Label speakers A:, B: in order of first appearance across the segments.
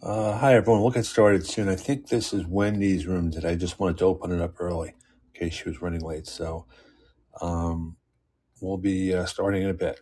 A: Uh, hi, everyone. We'll get started soon. I think this is Wendy's room today. I just wanted to open it up early in case she was running late. So um, we'll be uh, starting in a bit.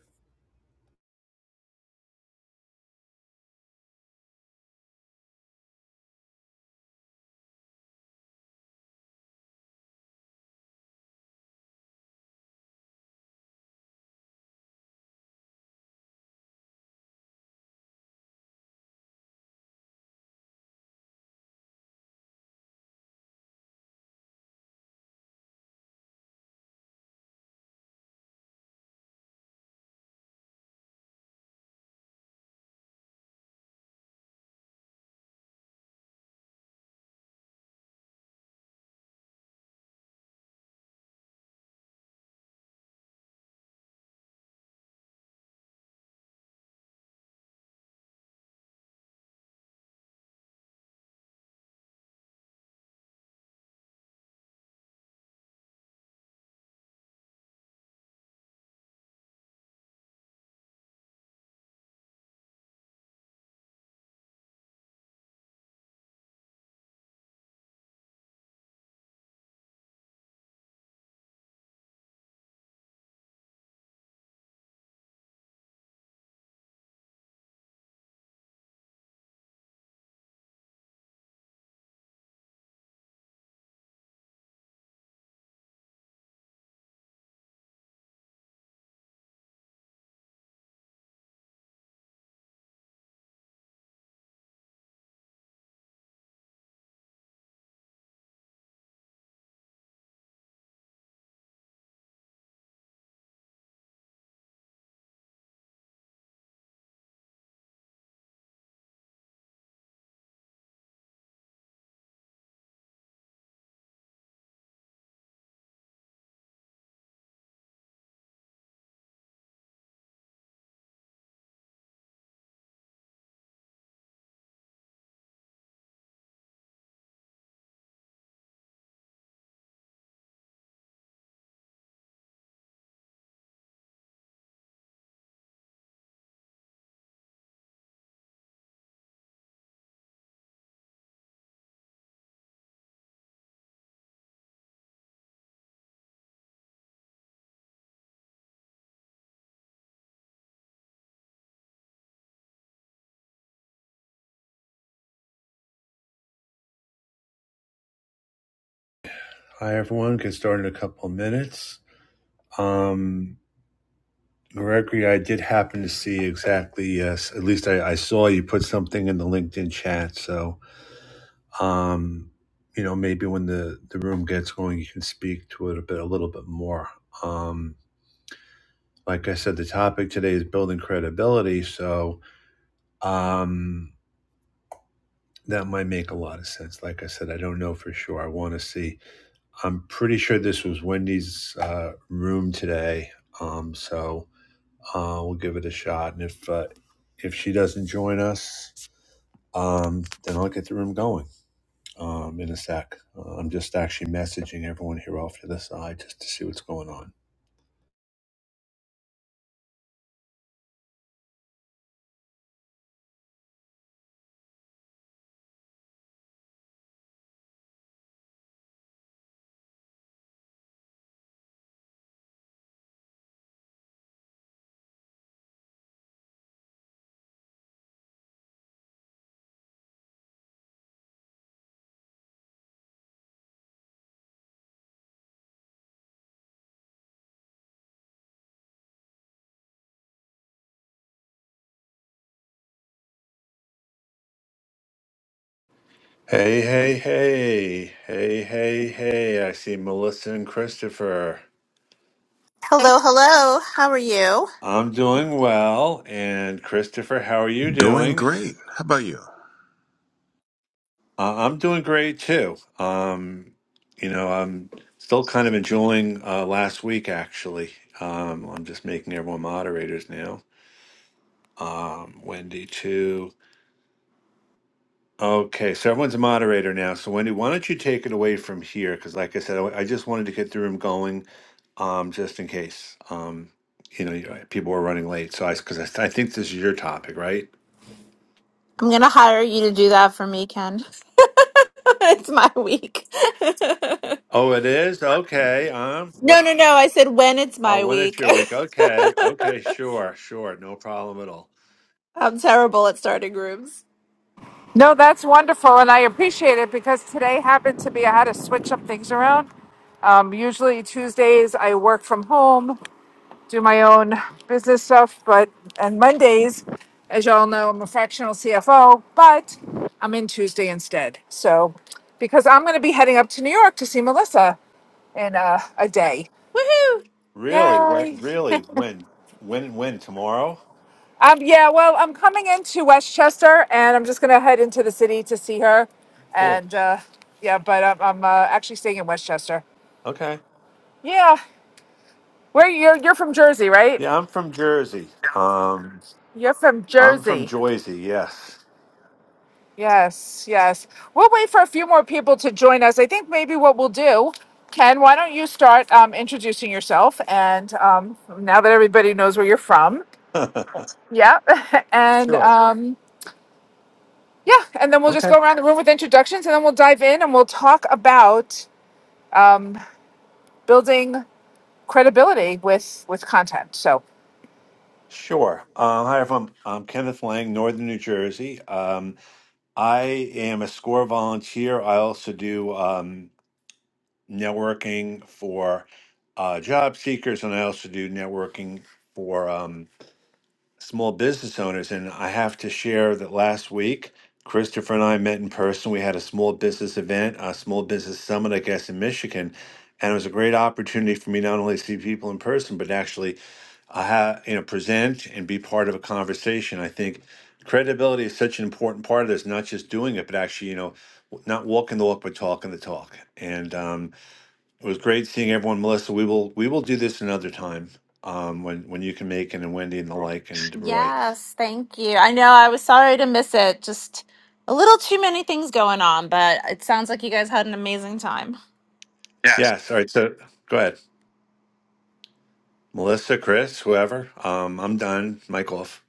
A: Hi, everyone. Get started in a couple of minutes. Um, Gregory, I did happen to see exactly, uh, s- at least I, I saw you put something in the LinkedIn chat. So, um, you know, maybe when the, the room gets going, you can speak to it a bit, a little bit more. Um, like I said, the topic today is building credibility. So, Um, that might make a lot of sense. Like I said, I don't know for sure. I want to see. I'm pretty sure this was Wendy's uh, room today. Um, so uh, we'll give it a shot. And if uh, if she doesn't join us, um, then I'll get the room going um, in a sec. Uh, I'm just actually messaging everyone here off to the side just to see what's going on. Hey, hey, hey. Hey, hey, hey. I see Melissa and Christopher.
B: Hello, hello. How are you?
A: I'm doing well. And Christopher, how are you
C: Doing
A: doing?
C: great. How about you?
A: Uh, I'm doing great too. Um, you know, I'm still kind of enjoying uh, last week, actually. Um, I'm just making everyone moderators now. Um, Wendy, too. Okay, so everyone's a moderator now. So, Wendy, why don't you take it away from here? Because, like I said, I, I just wanted to get the room going um, just in case. Um, you know, you- people are running late, so I because I, I think this is your topic, right?
B: I'm going to hire you to do that for me, Ken. it's my week.
A: Oh, it is. Okay. Um.
B: no,
A: What?
B: no, no. I said when it's
A: Oh,
B: my
A: when it's
B: week.
A: your week. Okay. Okay. Sure. Sure. No problem at all.
B: I'm terrible at starting rooms.
D: No, that's wonderful, and I appreciate it because today happened to be I had to switch up things around. Um, usually Tuesdays I work from home, do my own business stuff, but and Mondays, as y'all know, I'm a fractional CFO, but I'm in Tuesday instead. So because I'm going to be heading up to New York to see Melissa in uh, a day.
B: Woohoo!
A: Really? What?
D: Yay!
A: Really? When? When? When? Tomorrow?
D: Um, yeah, well, I'm coming into Westchester, and I'm just gonna head into the city to see her,
A: Cool.
D: and uh, yeah, but I'm, I'm uh, actually staying in Westchester.
A: Okay.
D: Yeah, where you're you're from Jersey, right?
A: Yeah, I'm from Jersey. Um,
D: You're from
A: I'm from
D: Jersey.
A: Jersey. Yes.
D: Yes, yes. We'll wait for a few more people to join us. I think maybe what we'll do, Ken, why don't you start um, introducing yourself? And um, now that everybody knows where you're from, yeah, and
A: sure.
D: um, yeah, and then we'll just
A: Okay.
D: go around the room with introductions, and then we'll dive in and we'll talk about um, building credibility with with content. So
A: Sure. Um, hi, everyone. I'm Kenneth Lang, Northern New Jersey. Um, I am a SCORE volunteer. I also do um, networking for uh, job seekers, and I also do networking for um, small business owners. And I have to share that last week, Christopher and I met in person. We had a small business event, a small business summit, I guess, in Michigan. And it was a great opportunity for me not only to see people in person, but actually I have, you know, present and be part of a conversation. I think credibility is such an important part of this, not just doing it, but actually, you know, w- not walking the walk, but talking the talk. And um, it was great seeing everyone, Melissa. We will we will do this another time um, when when you can make it, and Wendy and the like and Roy.
B: Yes, thank you. I know I was sorry to miss it. Just a little too many things going on, but it sounds like you guys had an amazing time.
A: Yes. All right. So go ahead, Melissa, Chris, whoever. Um, I'm done. Mic off.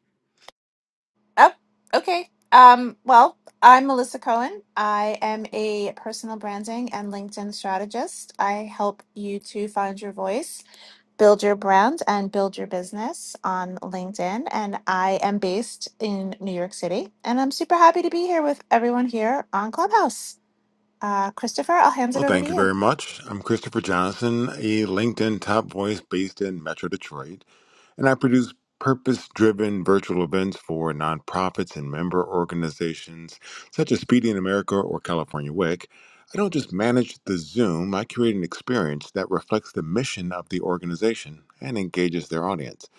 B: Oh, okay. Um, well, I'm Melissa Cohen. I am a personal branding and LinkedIn strategist. I help you to find your voice, build your brand, and build your business on LinkedIn. And I am based in New York City. And I'm super happy to be here with everyone here on Clubhouse. Uh, Christopher, I'll hand it
C: Well,
B: over to
C: thank you
B: you.
C: very much. I'm Christopher Johnson, a LinkedIn top voice based in Metro Detroit, and I produce purpose driven virtual events for nonprofits and member organizations such as Speedy in America or California WIC. I don't just manage the Zoom, I create an experience that reflects the mission of the organization and engages their audience.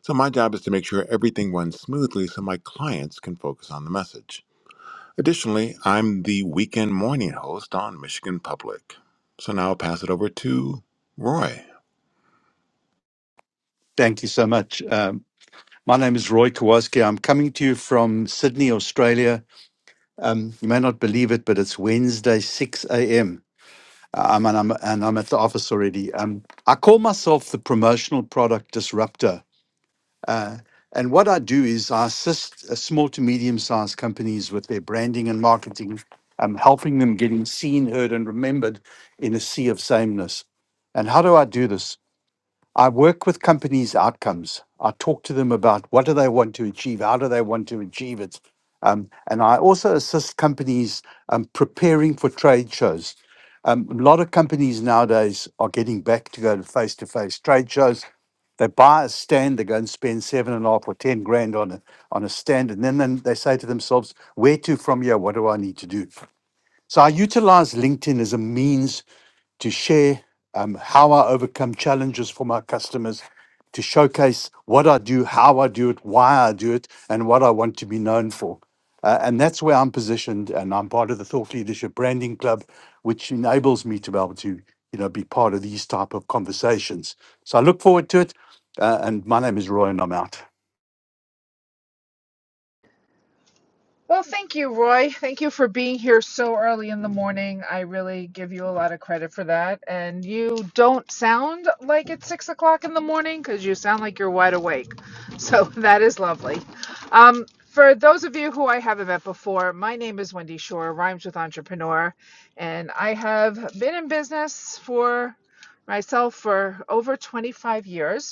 C: So, my job is to make sure everything runs smoothly so my clients can focus on the message. Additionally, I'm the weekend morning host on Michigan Public. So now I'll pass it over to Roy.
E: Thank you so much. Um, my name is Roy Kowalski. I'm coming to you from Sydney, Australia. Um, you may not believe it, but it's Wednesday, 6 a.m. Um, and, I'm, and I'm at the office already. Um, I call myself the promotional product disruptor. Uh, and what I do is I assist uh, small to medium sized companies with their branding and marketing, um, helping them getting seen, heard, and remembered in a sea of sameness. And how do I do this? I work with companies' outcomes. I talk to them about what do they want to achieve, how do they want to achieve it, um, and I also assist companies um, preparing for trade shows. Um, a lot of companies nowadays are getting back to go to face-to-face trade shows. They buy a stand, they go and spend seven and a half or ten grand on a on a stand, and then, then they say to themselves, "Where to from here? What do I need to do?" So I utilize LinkedIn as a means to share um, how I overcome challenges for my customers, to showcase what I do, how I do it, why I do it, and what I want to be known for. Uh, and that's where I'm positioned, and I'm part of the Thought Leadership Branding Club, which enables me to be able to, you know, be part of these type of conversations. So I look forward to it. Uh, and my name is Roy, and I'm out.
D: Well, thank you, Roy. Thank you for being here so early in the morning. I really give you a lot of credit for that. And you don't sound like it's six o'clock in the morning because you sound like you're wide awake. So that is lovely. Um, for those of you who I haven't met before, my name is Wendy Shore, rhymes with entrepreneur, and I have been in business for myself for over 25 years.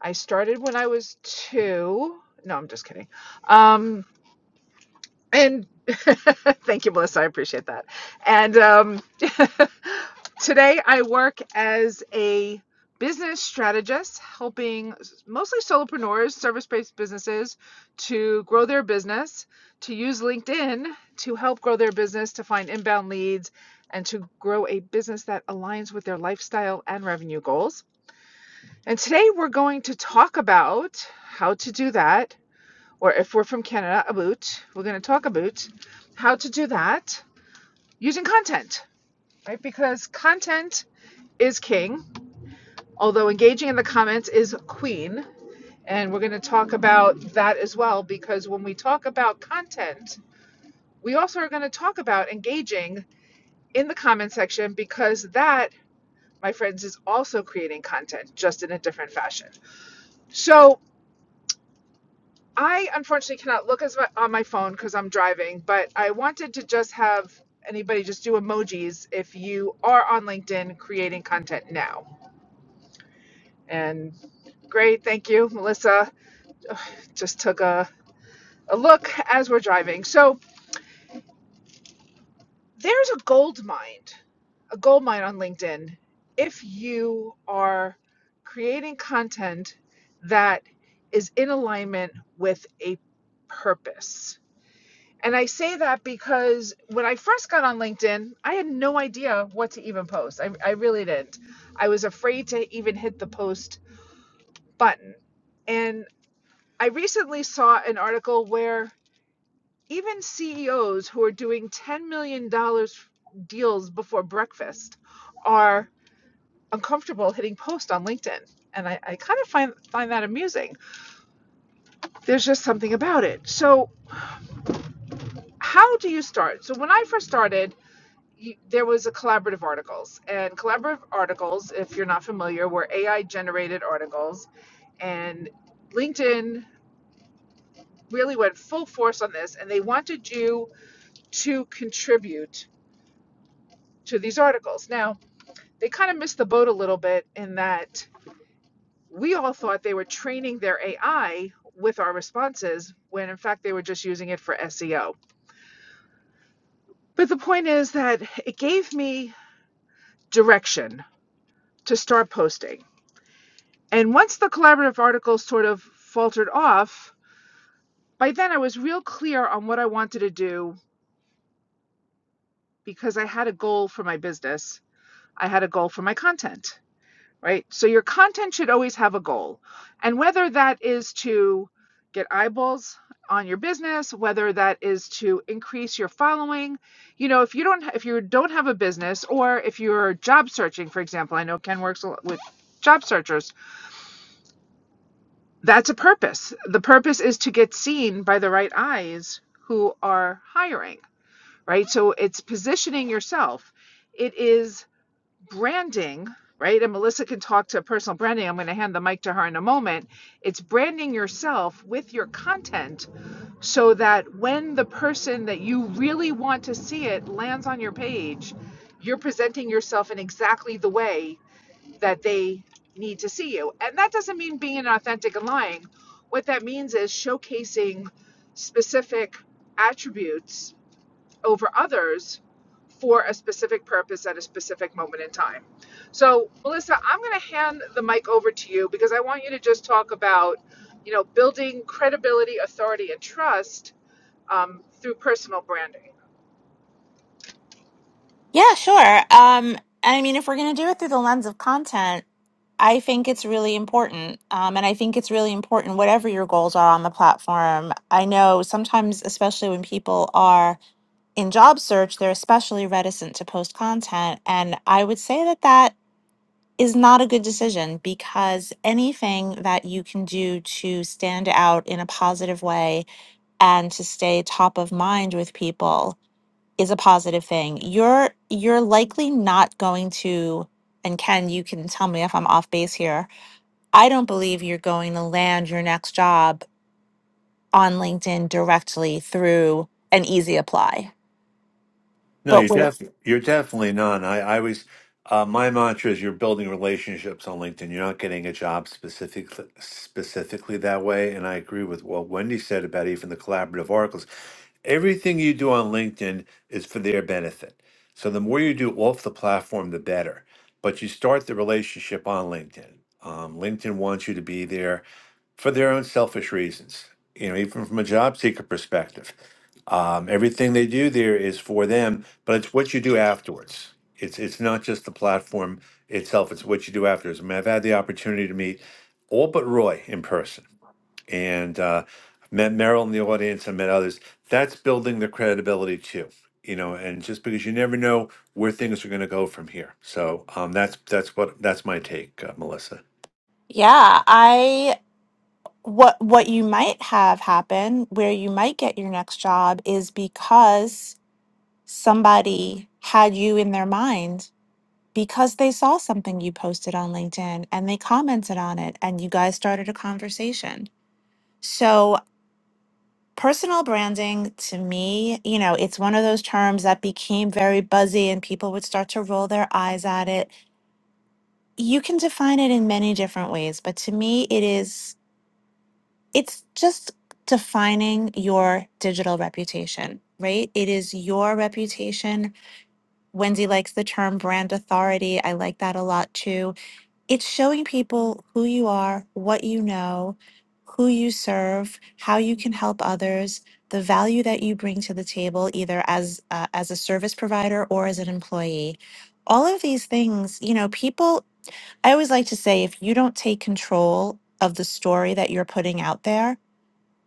D: I started when I was two. No, I'm just kidding. Um, and thank you, Melissa. I appreciate that. And um, today I work as a business strategist, helping mostly solopreneurs, service based businesses to grow their business, to use LinkedIn to help grow their business, to find inbound leads, and to grow a business that aligns with their lifestyle and revenue goals. And today we're going to talk about how to do that, or if we're from Canada, about, we're going to talk about how to do that using content, right? Because content is king, although engaging in the comments is queen. And we're going to talk about that as well, because when we talk about content, we also are going to talk about engaging in the comment section because that, my friends, is also creating content just in a different fashion. So I unfortunately cannot look as my, on my phone because I'm driving, but I wanted to just have anybody just do emojis if you are on LinkedIn creating content now. And great, thank you, Melissa. Just took a, a look as we're driving. So there's a gold mine, a gold mine on LinkedIn if you are creating content that is in alignment with a purpose And I say that because when I first got on LinkedIn, I had no idea what to even post. I, I really didn't. I was afraid to even hit the post button. And I recently saw an article where even CEOs who are doing $10 million dollars deals before breakfast are uncomfortable hitting post on LinkedIn. And I, I kind of find, find that amusing. There's just something about it. So, how do you start? So, when I first started, you, there was a collaborative articles and collaborative articles if you're not familiar were ai generated articles and linkedin really went full force on this and they wanted you to contribute to these articles now they kind of missed the boat a little bit in that we all thought they were training their ai with our responses when in fact they were just using it for seo but the point is that it gave me direction to start posting And once the collaborative articles sort of faltered off, by then I was real clear on what I wanted to do because I had a goal for my business. I had a goal for my content, right? So your content should always have a goal. And whether that is to get eyeballs on your business, whether that is to increase your following, you know, if you don't if you don't have a business or if you're job searching, for example, I know Ken works a lot with job searchers That's a purpose. The purpose is to get seen by the right eyes who are hiring, right? So it's positioning yourself. It is branding, right? And Melissa can talk to personal branding. I'm going to hand the mic to her in a moment. It's branding yourself with your content so that when the person that you really want to see it lands on your page, you're presenting yourself in exactly the way that they need to see you. And that doesn't mean being inauthentic and lying. What that means is showcasing specific attributes over others for a specific purpose at a specific moment in time. So, Melissa, I'm going to hand the mic over to you because I want you to just talk about, you know, building credibility, authority, and trust um, through personal branding.
B: Yeah, sure. Um, I mean, if we're going to do it through the lens of content, I think it's really important. Um, and I think it's really important, whatever your goals are on the platform. I know sometimes, especially when people are in job search, they're especially reticent to post content. And I would say that that is not a good decision because anything that you can do to stand out in a positive way and to stay top of mind with people is a positive thing. You're you're likely not going to and Ken, you can tell me if I'm off base here I don't believe you're going to land your next job on LinkedIn directly through an easy apply.
A: No,
B: But
A: you're def
B: with
A: you're definitely not. I, I always uh, my mantra is you're building relationships on LinkedIn. You're not getting a job specifically specifically that way. And I agree with what Wendy said about even the collaborative articles. Everything you do on LinkedIn is for their benefit. So the more you do off the platform, the better. But you start the relationship on LinkedIn. Um, LinkedIn wants you to be there for their own selfish reasons. You know, even from a job seeker perspective, um, everything they do there is for them, but it's what you do afterwards. It's it's not just the platform itself; it's what you do afterwards. I mean, I've had the opportunity to meet all but Roy in person, and uh, I've met Merrill in the audience. I met others. That's building the credibility too. You know, and just because you never know where things are going to go from here. So um, that's that's what that's my take, uh, Melissa.
B: yeah, I what what you might have happen where you might get your next job is because somebody had you in their mind because they saw something you posted on LinkedIn and they commented on it and you guys started a conversation. So Personal branding to me, you know, it's one of those terms that became very buzzy and people would start to roll their eyes at it. You can define it in many different ways, but to me it is it's just defining your digital reputation, right? It is your reputation. Wendy likes the term brand authority. I like that a lot too it's showing people who you are, what you know, who you serve, how you can help others, the value that you bring to the table, either as uh, as a service provider or as an employee. All of these things, you know, people. I always like to say, if you don't take control of the story that you're putting out there,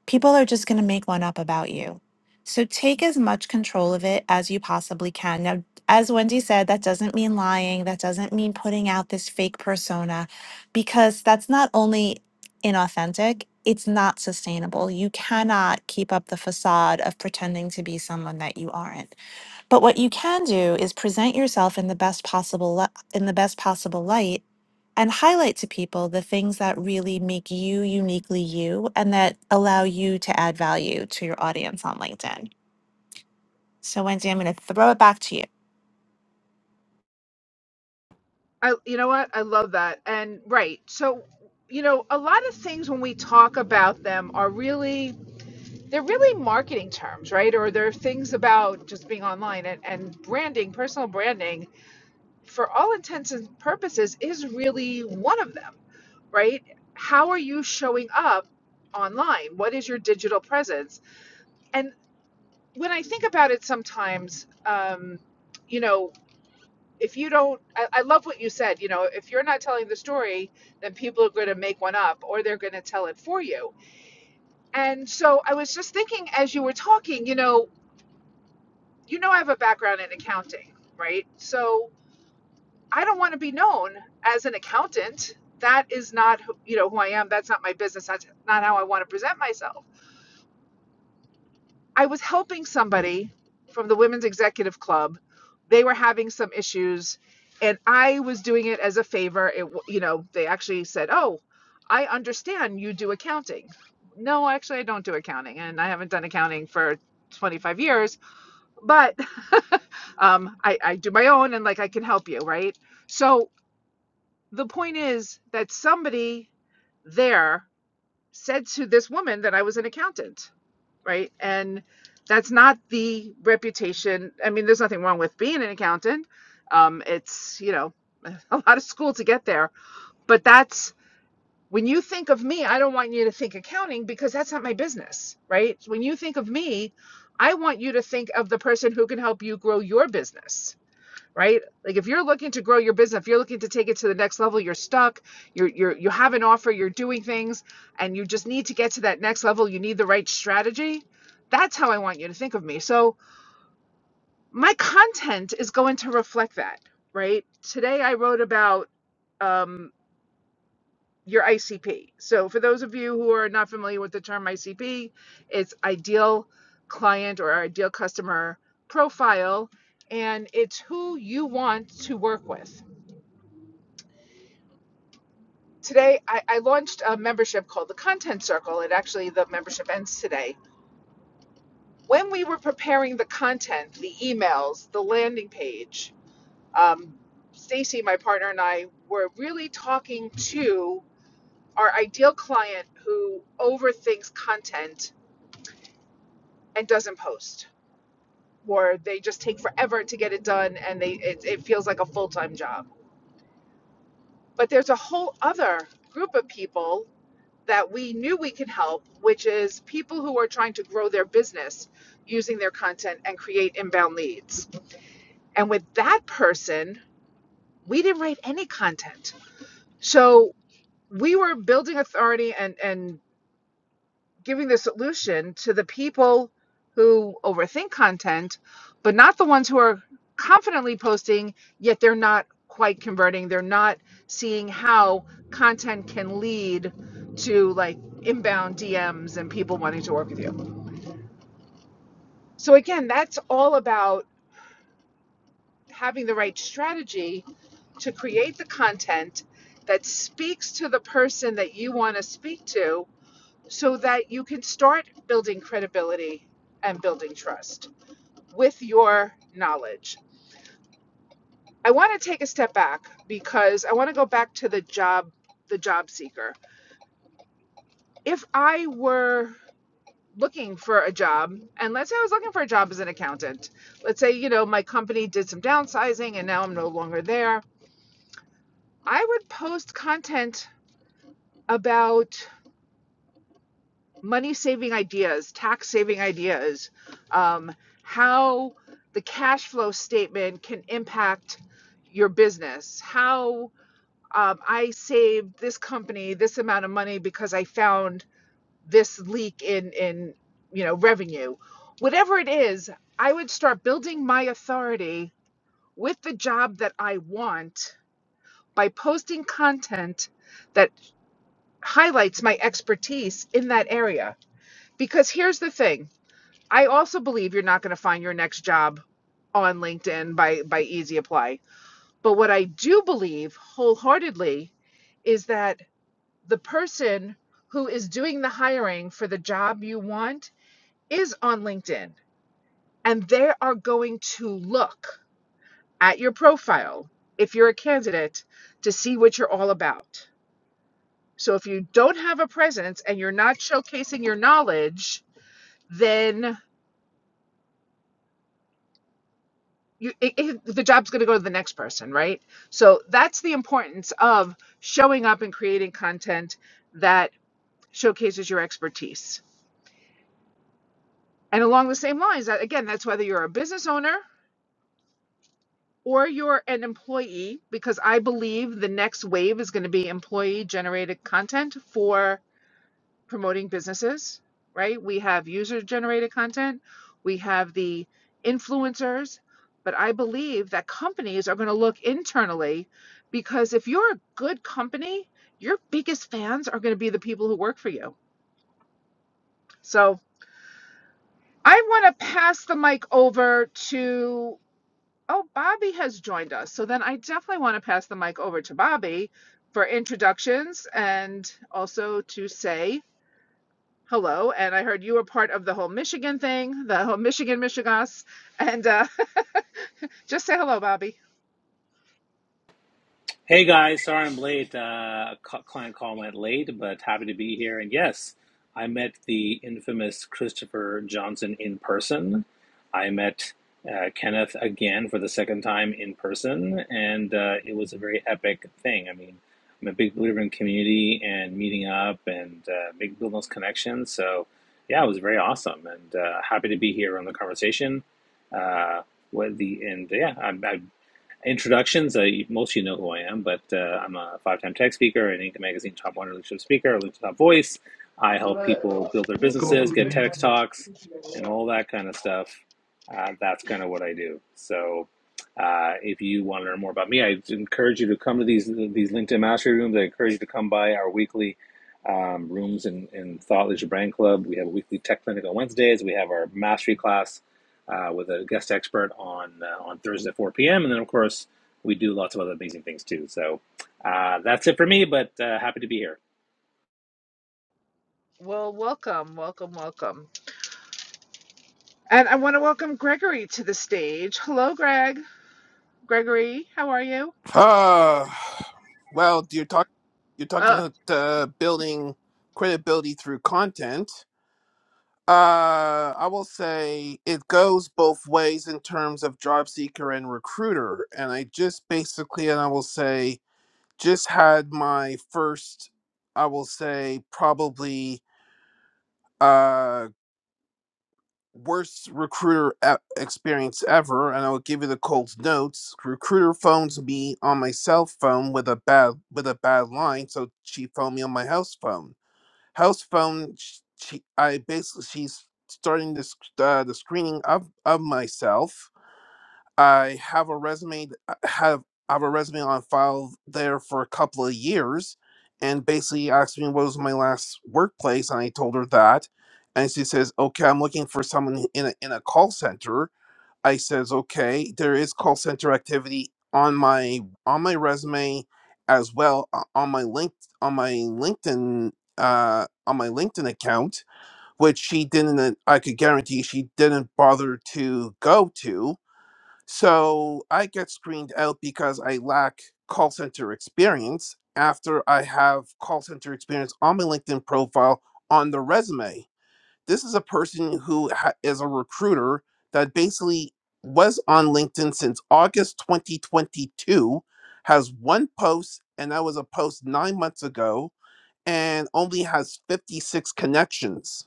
B: people are just going to make one up about you. So take as much control of it as you possibly can. Now, as Wendy said, that doesn't mean lying, that doesn't mean putting out this fake persona, because that's not only inauthentic, it's not sustainable. You cannot keep up the facade of pretending to be someone that you aren't. But what you can do is present yourself in the best possible li- in the best possible light and highlight to people the things that really make you uniquely you and that allow you to add value to your audience on LinkedIn. So Wendy, I'm going to throw it back to you.
D: I, you know what? I love that. And right. So, you know, a lot of things when we talk about them are really, they're really marketing terms, right? Or they're things about just being online and, and branding, personal branding, for all intents and purposes, is really one of them, right? How are you showing up online? What is your digital presence? And when I think about it sometimes, um, you know, if you don't I, I love what you said you know if you're not telling the story then people are going to make one up or they're going to tell it for you and so i was just thinking as you were talking you know you know i have a background in accounting right so i don't want to be known as an accountant that is not who- you know who i am that's not my business that's not how i want to present myself I was helping somebody from the Women's Executive Club. They were having some issues, and I was doing it as a favor. It, you know, they actually said, "Oh, I understand you do accounting." No, actually, I don't do accounting, and I haven't done accounting for 25 years. But um, I, I do my own, and like I can help you, right? So the point is that somebody there said to this woman that I was an accountant right? And that's not the reputation. I mean, there's nothing wrong with being an accountant. Um, it's, you know, a lot of school to get there. But that's when you think of me, I don't want you to think accounting because that's not my business, right? When you think of me, I want you to think of the person who can help you grow your business right? Like if you're looking to grow your business, if you're looking to take it to the next level, you're stuck, you're you're you have an offer, you're doing things, and you just need to get to that next level, you need the right strategy. That's how I want you to think of me. So my content is going to reflect that, right? Today I wrote about um, your ICP. So, for those of you who are not familiar with the term ICP, it's ideal client or ideal customer profile, and it's who you want to work with. today I, I launched a membership called the content circle it actually the membership ends today when we were preparing the content the emails the landing page um, stacy my partner and i were really talking to our ideal client who overthinks content and doesn't post or they just take forever to get it done and they it, it feels like a full-time job but there's a whole other group of people that we knew we can help, which is people who are trying to grow their business using their content and create inbound leads. And with that person, we didn't write any content. So we were building authority and, and giving the solution to the people who overthink content, but not the ones who are confidently posting, yet they're not quite converting. They're not seeing how content can lead to like inbound DMs and people wanting to work with you. So, again, that's all about having the right strategy to create the content that speaks to the person that you want to speak to so that you can start building credibility and building trust with your knowledge. I want to take a step back because I want to go back to the job the job seeker. If I were looking for a job and let's say I was looking for a job as an accountant. Let's say, you know, my company did some downsizing and now I'm no longer there. I would post content about money saving ideas, tax saving ideas, um, how the cash flow statement can impact your business, how um, I saved this company this amount of money because I found this leak in in you know revenue, whatever it is, I would start building my authority with the job that I want by posting content that highlights my expertise in that area. Because here's the thing I also believe you're not going to find your next job on LinkedIn by by easy apply. But what I do believe wholeheartedly is that the person who is doing the hiring for the job you want is on LinkedIn and they are going to look at your profile if you're a candidate to see what you're all about. So if you don't have a presence and you're not showcasing your knowledge, then you it, it, the job's going to go to the next person right so that's the importance of showing up and creating content that showcases your expertise and along the same lines that again that's whether you're a business owner or you're an employee because i believe the next wave is going to be employee generated content for. promoting businesses, right? We have user generated content, we have the influencers, but I believe that companies are going to look internally because if you're a good company, your biggest fans are going to be the people who work for you. So I want to pass the mic over to, oh, Bobby has joined us. So then I definitely want to pass the mic over to Bobby for introductions and also to say Hello, and I heard you were part of the whole Michigan thing, the whole Michigan Michigas, and uh, just say hello, Bobby.
F: Hey guys, sorry I'm late. Uh, cu- client call went late, but happy to be here. And yes, I met the infamous Christopher Johnson in person. I met uh, Kenneth again for the second time in person, and uh, it was a very epic thing. I mean, I'm a big believer in community and meeting up and uh, make, building those connections. So, yeah, it was very awesome, and uh, happy to be here on the conversation. Uh, with the and yeah, I'm, introductions. Uh, most of you know who I am, but uh, I'm a five time tech speaker and Inc. Magazine Top 100 Leadership Speaker, LinkedIn Top Voice. I help people build their
G: Go,
F: businesses, get TEDx
G: Dave.
F: Talks, and all that kind of stuff. Uh, that's kind of what I do. So uh, if you want to learn more about me, I encourage you to come to these these LinkedIn Mastery Rooms. I encourage you to come by our weekly um, rooms in, in Thought Leadership Brand Club. We have a weekly tech clinic on Wednesdays. We have our mastery class uh, with a guest expert on uh, on Thursday at 4 p.m. And then, of course, we do lots of other amazing things too. So uh, that's it for me, but uh, happy to be here.
D: Well, welcome, welcome, welcome. And I want to welcome Gregory to the stage. Hello, Greg. Gregory, how are you?
H: Uh, well, you're talking you're talking
D: Uh,
H: about uh, building credibility through content. Uh, I will say it goes both ways in terms of job seeker and recruiter. And I just basically, and I will say, just had my first, I will say, probably uh, worst recruiter e- experience ever, and I'll give you the cold notes. Recruiter phones me on my cell phone with a bad with a bad line, so she phoned me on my house phone. House phone, sh- she I basically she's starting this uh, the screening of of myself. I have a resume th- I have I have a resume on file there for a couple of years and basically asked me what was my last workplace and I told her that and she says okay I'm looking for someone in a, in a call center I says okay there is call center activity on my on my resume as well uh, on my link on my LinkedIn uh on my LinkedIn account which she didn't I could guarantee she didn't bother to go to so I get screened out because I lack call center experience after I have call center experience on my LinkedIn profile on the resume. This is a person who ha- is a recruiter that basically was on LinkedIn since August 2022, has one post, and that was a post nine months ago, and only has 56 connections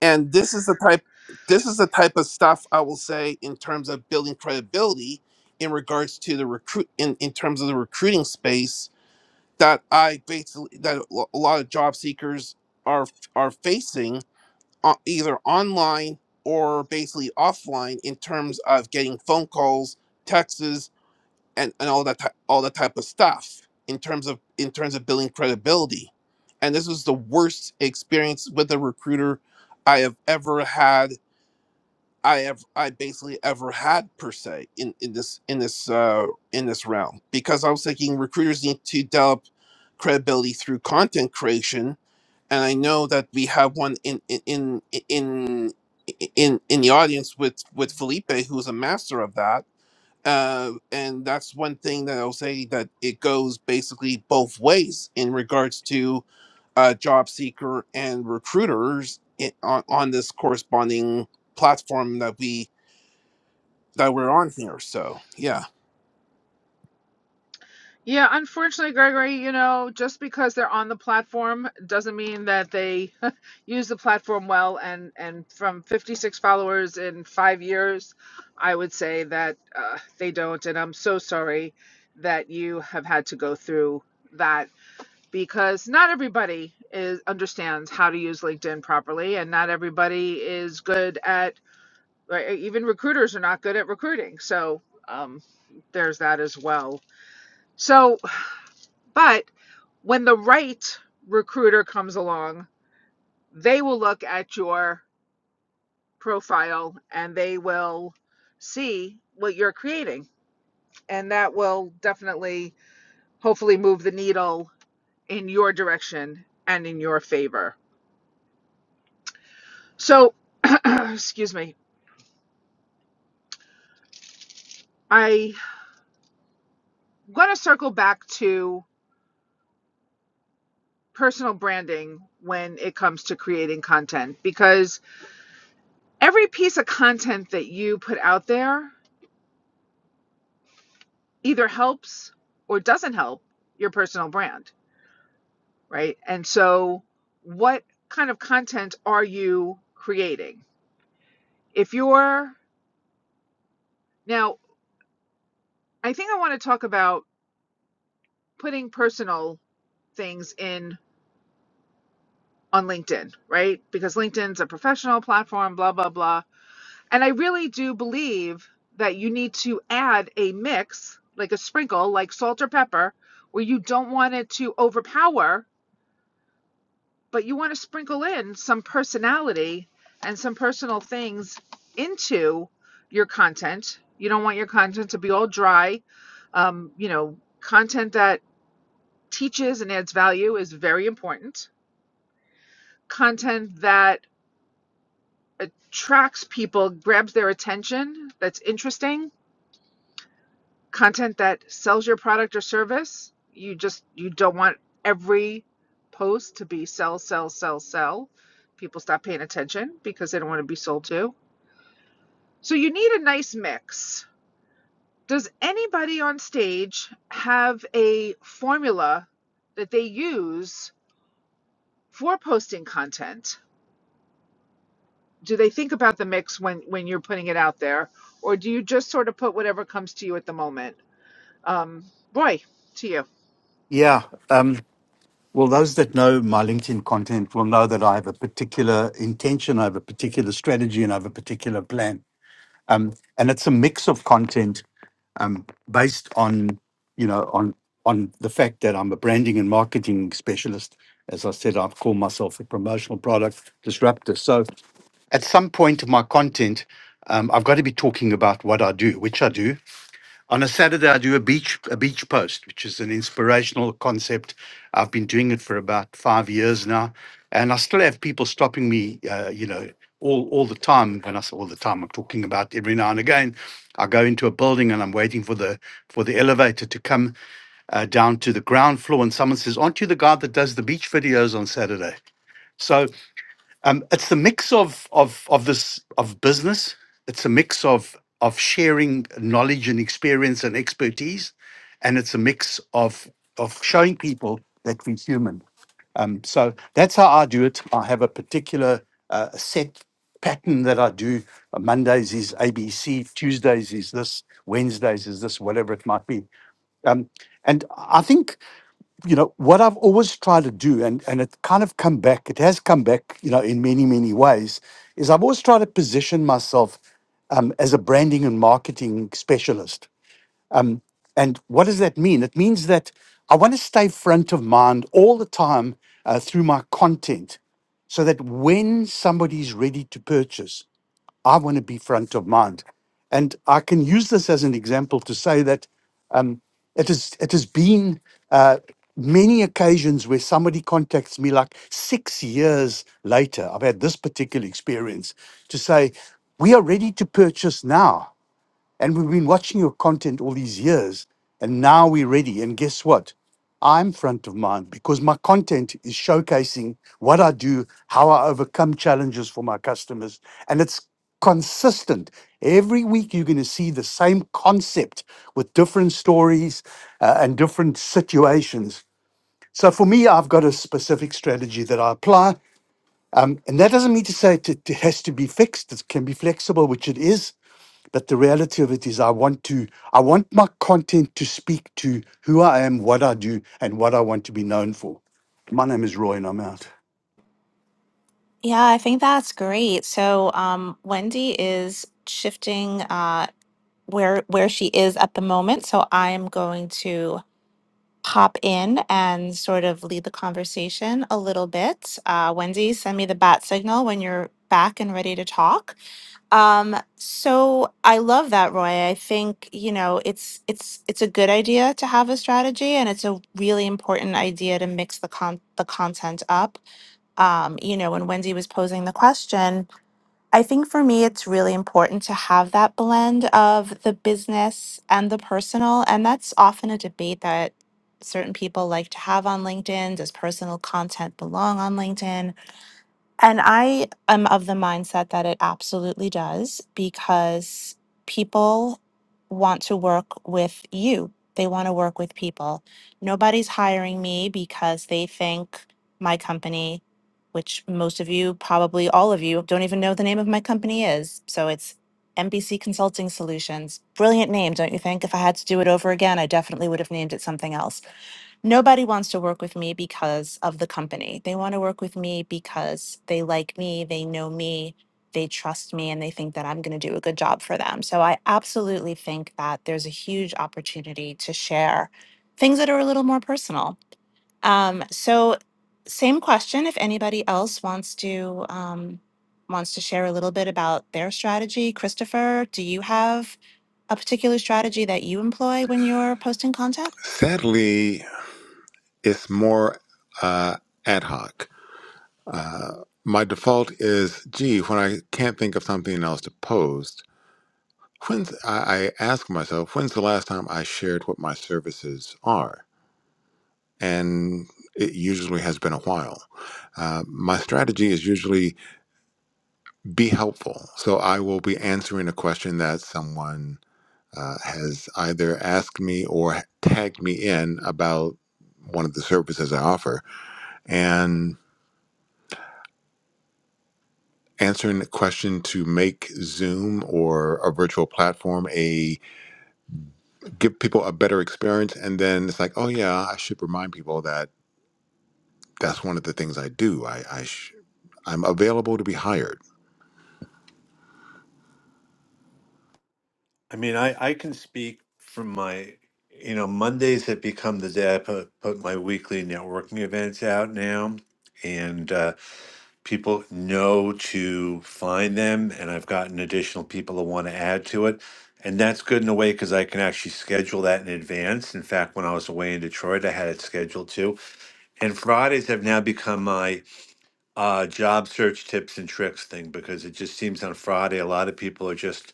H: and this is the type this is the type of stuff i will say in terms of building credibility in regards to the recruit in, in terms of the recruiting space that i basically that a lo- a lot of job seekers are f- are facing o- either online or basically offline in terms of getting phone calls texts and, and all that ty- all that type of stuff in terms of in terms of building credibility and this was the worst experience with a recruiter i have ever had i have i basically ever had per se in in this in this uh in this realm because i was thinking recruiters need to develop credibility through content creation and i know that we have one in in in in in, in in the audience with with felipe who's a master of that uh, and that's one thing that I'll say that it goes basically both ways in regards to uh, job seeker and recruiters in, on, on this corresponding platform that we that we're on here. So yeah,
D: Yeah, unfortunately, Gregory, you know, just because they're on the platform doesn't mean that they use the platform well. And and from 56 followers in five years, I would say that uh, they don't. And I'm so sorry that you have had to go through that because not everybody is understands how to use LinkedIn properly, and not everybody is good at. or Even recruiters are not good at recruiting. So um, there's that as well. So. But when the right recruiter comes along, they will look at your profile and they will see what you're creating. And that will definitely, hopefully, move the needle in your direction and in your favor. So, excuse me, I'm going to circle back to personal branding when it comes to creating content because every piece of content that you put out there either helps or doesn't help your personal brand, right? And so, what kind of content are you creating? If you're now, I think I want to talk about putting personal things in on LinkedIn, right? Because LinkedIn's a professional platform, blah, blah, blah. And I really do believe that you need to add a mix, like a sprinkle, like salt or pepper, where you don't want it to overpower but you want to sprinkle in some personality and some personal things into your content. You don't want your content to be all dry. Um, you know, content that teaches and adds value is very important. Content that attracts people, grabs their attention, that's interesting. Content that sells your product or service. You just you don't want every post to be sell, sell, sell, sell. People stop paying attention because they don't want to be sold to So you need a nice mix. Does anybody on stage have a formula that they use for posting content? Do they think about the mix when when you're putting it out there, or do you just sort of put whatever comes to you at the moment? Um, Roy, to you.
E: Yeah. Um, well, those that know my LinkedIn content will know that I have a particular intention, I have a particular strategy, and I have a particular plan um, and it's a mix of content um, based on you know on on the fact that I'm a branding and marketing specialist. As I said, I call myself a promotional product disruptor. So at some point, in my content, um, I've got to be talking about what I do, which I do, on a Saturday, I do a beach a beach post, which is an inspirational concept. I've been doing it for about five years now, and I still have people stopping me, uh, you know, all all the time. When I say all the time, I'm talking about every now and again. I go into a building and I'm waiting for the for the elevator to come uh, down to the ground floor, and someone says, "Aren't you the guy that does the beach videos on Saturday?" So um, it's a mix of of of this of business. It's a mix of of sharing knowledge and experience and expertise, and it's a mix of of showing people that we're human. Um, so that's how I do it. I have a particular uh, set pattern that I do. Uh, Mondays is ABC, Tuesdays is this, Wednesdays is this, whatever it might be. Um, and I think you know what i've always tried to do and and it kind of come back it has come back you know in many many ways is i've always tried to position myself um, as a branding and marketing specialist um, and what does that mean it means that i want to stay front of mind all the time uh, through my content so that when somebody's ready to purchase I want to be front of mind. And I can use this as an example to say that um, it, is, it has been uh, many occasions where somebody contacts me like six years later. I've had this particular experience to say, we are ready to purchase now. And we've been watching your content all these years, and now we're ready. And guess what? I'm front of mind because my content is showcasing what I do, how I overcome challenges for my customers, and it's consistent. Every week, you're going to see the same concept with different stories uh, and different situations. So, for me, I've got a specific strategy that I apply. Um, and that doesn't mean to say it, it has to be fixed, it can be flexible, which it is that the reality of it is I want to I want my content to speak to who I am, what I do, and what I want to be known for. My name is Roy, and I'm out.
B: Yeah, I think that's great. So um, Wendy is shifting uh, where where she is at the moment. So I am going to pop in and sort of lead the conversation a little bit. Uh, Wendy, send me the bat signal when you're back and ready to talk. Um, so I love that, Roy. I think you know it's it's it's a good idea to have a strategy, and it's a really important idea to mix the con the content up. Um, you know, when Wendy was posing the question. I think for me, it's really important to have that blend of the business and the personal. And that's often a debate that certain people like to have on LinkedIn. Does personal content belong on LinkedIn? And I am of the mindset that it absolutely does because people want to work with you. They want to work with people. Nobody's hiring me because they think my company, which most of you, probably all of you, don't even know the name of my company is. So it's MBC Consulting Solutions. Brilliant name, don't you think? If I had to do it over again, I definitely would have named it something else nobody wants to work with me because of the company. They want to work with me because they like me, they know me, they trust me, and they think that I'm going to do a good job for them. So I absolutely think that there's a huge opportunity to share things that are a little more personal. Um, so, same question if anybody else wants to. Um, wants to share a little bit about their strategy christopher do you have a particular strategy that you employ when you're posting content
C: Sadly, it's more uh, ad hoc. My default is, gee, when I can't think of something else to post, when's, I, I ask myself, when's the last time I shared what my services are? And it usually has been a while. Uh, my strategy is usually be helpful. So I will be answering a question that someone uh, has either asked me or tagged me in about one of the services I offer and answering the question to make Zoom or a virtual platform a give people a better experience and then it's like oh yeah I should remind people that that's one of the things I do I, I sh- I'm available to be hired
A: I mean, I, I can speak from my, you know, Mondays have become the day I put, put my weekly networking events out now. And uh, people know to find them. And I've gotten additional people that want to add to it. And that's good in a way because I can actually schedule that in advance. In fact, when I was away in Detroit, I had it scheduled too. And Fridays have now become my uh, job search tips and tricks thing because it just seems on Friday, a lot of people are just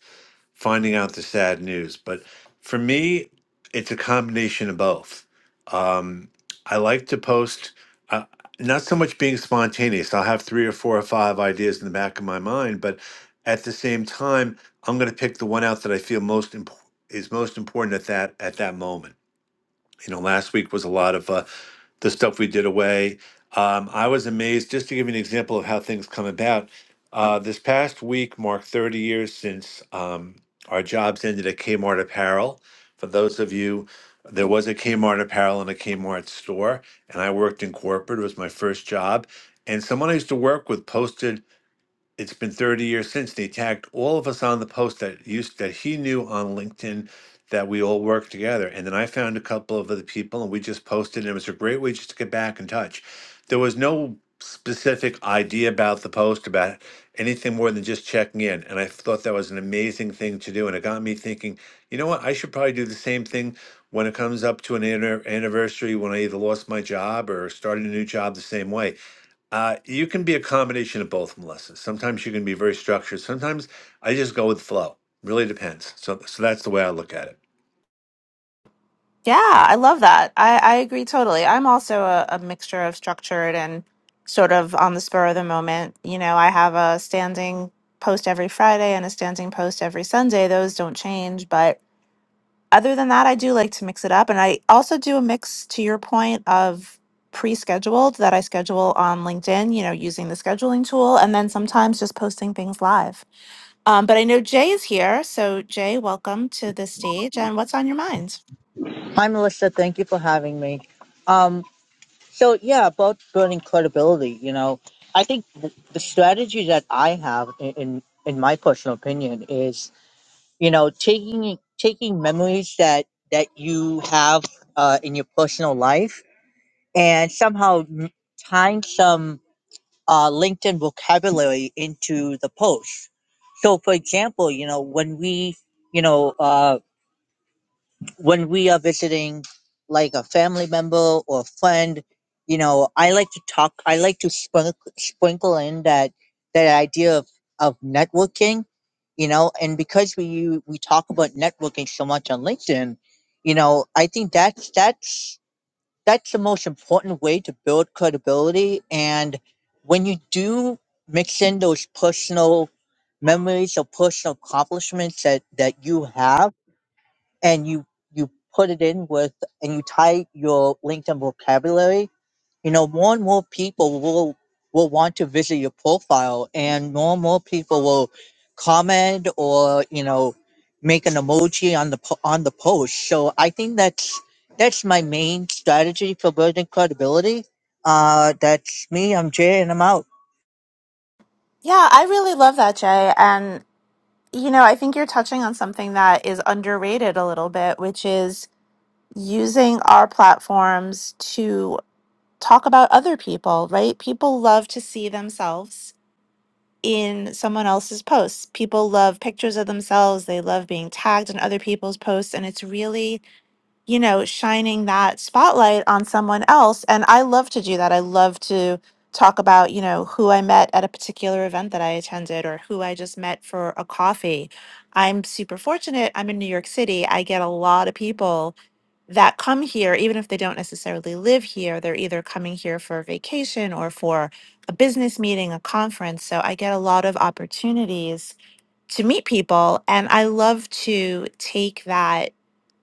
A: finding out the sad news. But for me, it's a combination of both. Um, I like to post, uh, not so much being spontaneous. I'll have three or four or five ideas in the back of my mind, but at the same time, I'm going to pick the one out that I feel most imp- is most important at that at that moment. You know, last week was a lot of uh, the stuff we did away. Um, I was amazed, just to give you an example of how things come about. Uh, this past week marked 30 years since um, our jobs ended at Kmart Apparel. For those of you, there was a Kmart Apparel and a Kmart store, and I worked in corporate. It was my first job. And someone I used to work with posted it's been 30 years since and he tagged all of us on the post that used that he knew on LinkedIn that we all worked together. And then I found a couple of other people and we just posted and it was a great way just to get back in touch. There was no specific idea about the post about anything more than just checking in. And I thought that was an amazing thing to do. And it got me thinking, you know what, I should probably do the same thing when it comes up to an anniver- anniversary when I either lost my job or started a new job the same way uh, you can be a combination of both, Melissa. Sometimes you can be very structured. Sometimes I just go with flow. Really depends. So, so that's the way I look at it.
B: Yeah, I love that. I, I agree totally. I'm also a, a mixture of structured and sort of on the spur of the moment. You know, I have a standing post every Friday and a standing post every Sunday. Those don't change. But other than that, I do like to mix it up. And I also do a mix, to your point, of pre scheduled that I schedule on LinkedIn, you know, using the scheduling tool, and then sometimes just posting things live. Um, but I know Jay is here. So, Jay, welcome to the stage. And what's on your mind?
I: Hi, Melissa. Thank you for having me. Um, so, yeah, about building credibility, you know, I think th- the strategy that I have, in, in in my personal opinion, is you know taking taking memories that that you have uh, in your personal life and somehow m- tying some uh, LinkedIn vocabulary into the post. So, for example, you know, when we, you know, uh, when we are visiting like a family member or friend you know i like to talk i like to sprinkle, sprinkle in that that idea of, of networking you know and because we we talk about networking so much on linkedin you know i think that's that's that's the most important way to build credibility and when you do mix in those personal memories or personal accomplishments that that you have and you you put it in with and you tie your LinkedIn vocabulary, you know, more and more people will will want to visit your profile and more and more people will comment or, you know, make an emoji on the po- on the post. So I think that's that's my main strategy for building credibility. Uh that's me, I'm Jay and I'm out.
B: Yeah, I really love that, Jay. And, you know, I think you're touching on something that is underrated a little bit, which is using our platforms to talk about other people, right? People love to see themselves in someone else's posts. People love pictures of themselves. They love being tagged in other people's posts. And it's really you know, shining that spotlight on someone else. And I love to do that. I love to talk about, you know, who I met at a particular event that I attended or who I just met for a coffee. I'm super fortunate. I'm in New York City. I get a lot of people that come here, even if they don't necessarily live here, they're either coming here for a vacation or for a business meeting, a conference. So I get a lot of opportunities to meet people. And I love to take that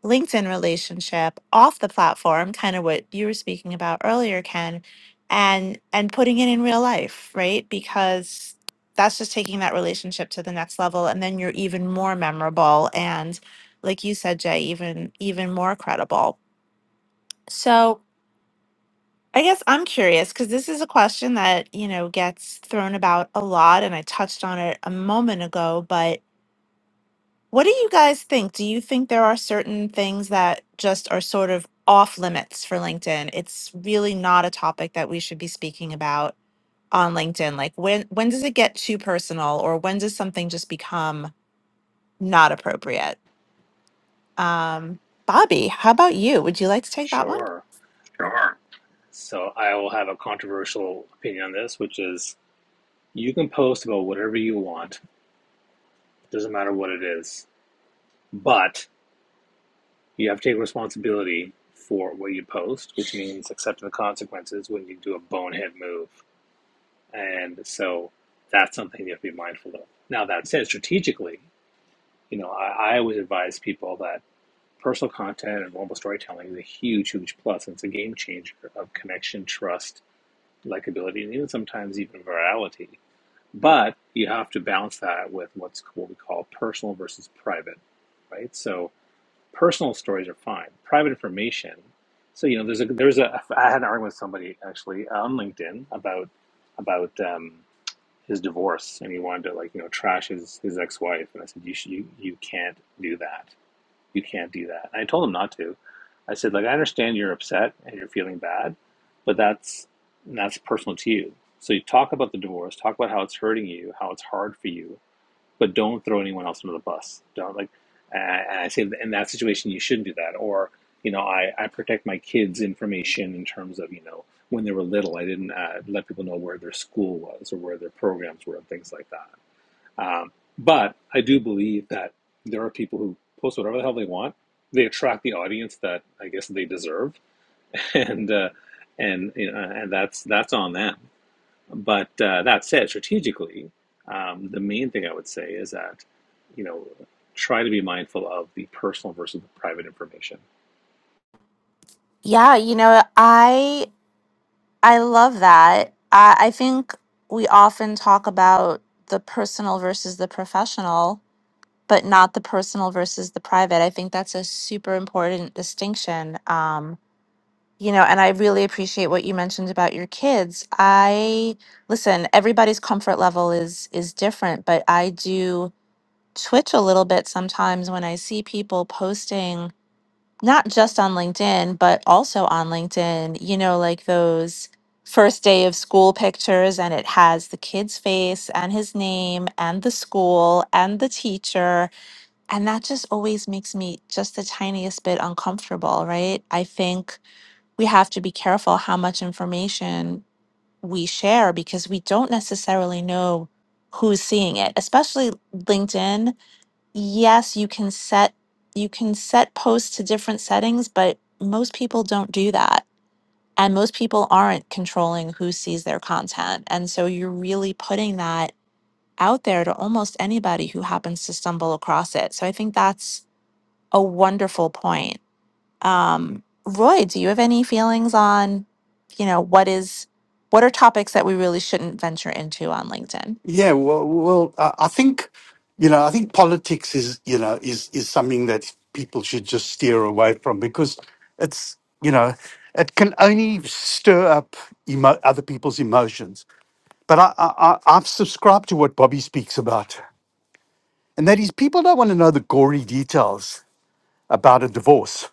B: LinkedIn relationship off the platform, kind of what you were speaking about earlier, Ken, and and putting it in real life, right? Because that's just taking that relationship to the next level and then you're even more memorable and like you said, Jay, even even more credible. So I guess I'm curious because this is a question that, you know, gets thrown about a lot and I touched on it a moment ago, but What do you guys think? Do you think there are certain things that just are sort of off limits for LinkedIn? It's really not a topic that we should be speaking about on LinkedIn. Like when when does it get too personal or when does something just become not appropriate? Um, Bobby, how about you? Would you like to take that one?
F: Sure.
B: Sure.
F: So I will have a controversial opinion on this, which is you can post about whatever you want, It doesn't matter what it is, but you have to take responsibility for what you post, which means accepting the consequences when you do a bonehead move. And so that's something you have to be mindful of. Now, that said, strategically, you know, I, I always advise people that personal content and mobile storytelling is a huge, huge plus. And It's a game changer of connection, trust, likability, and even sometimes even virality. But you have to balance that with what's what we call personal versus private, right? So personal stories are fine. Private information. So you know, there's a there's a I had an argument with somebody actually uh, on LinkedIn about about um, his divorce, and he wanted to like you know trash his his ex wife, and I said you should, you you can't do that you can't do that. And I told him not to. I said, like, I understand you're upset and you're feeling bad, but that's that's personal to you. So you talk about the divorce, talk about how it's hurting you, how it's hard for you, but don't throw anyone else under the bus. Don't like. And I say in that situation you shouldn't do that. Or you know, I I protect my kids' information in terms of you know when they were little, I didn't uh, let people know where their school was or where their programs were and things like that um, but I do believe that there are people who post whatever the hell they want. They attract the audience that I guess they deserve, and uh, and you know, and that's that's on them. But uh, that said, strategically, um, the main thing I would say is that you know try to be mindful of the personal versus the private information.
B: Yeah, you know, I I love that. I, I think we often talk about the personal versus the professional but not the personal versus the private. I think that's a super important distinction. Um, you know, and I really appreciate what you mentioned about your kids. I listen, everybody's comfort level is is different, but I do twitch a little bit sometimes when I see people posting not just on LinkedIn, but also on LinkedIn, you know, like those first day of school pictures and it has the kid's face and his name and the school and the teacher and that just always makes me just the tiniest bit uncomfortable, right? I think we have to be careful how much information we share because we don't necessarily know who's seeing it especially linkedin yes you can set you can set posts to different settings but most people don't do that and most people aren't controlling who sees their content and so you're really putting that out there to almost anybody who happens to stumble across it so i think that's a wonderful point. Um, Roy, do you have any feelings on, you know, what is, what are topics that we really shouldn't venture into on LinkedIn?
E: Yeah, well, well, I I think you know I think politics is you know is is something that people should just steer away from because it's you know it can only stir up emo- other people's emotions. But I, I I- I've subscribed to what Bobby speaks about, and that is people don't want to know the gory details about a divorce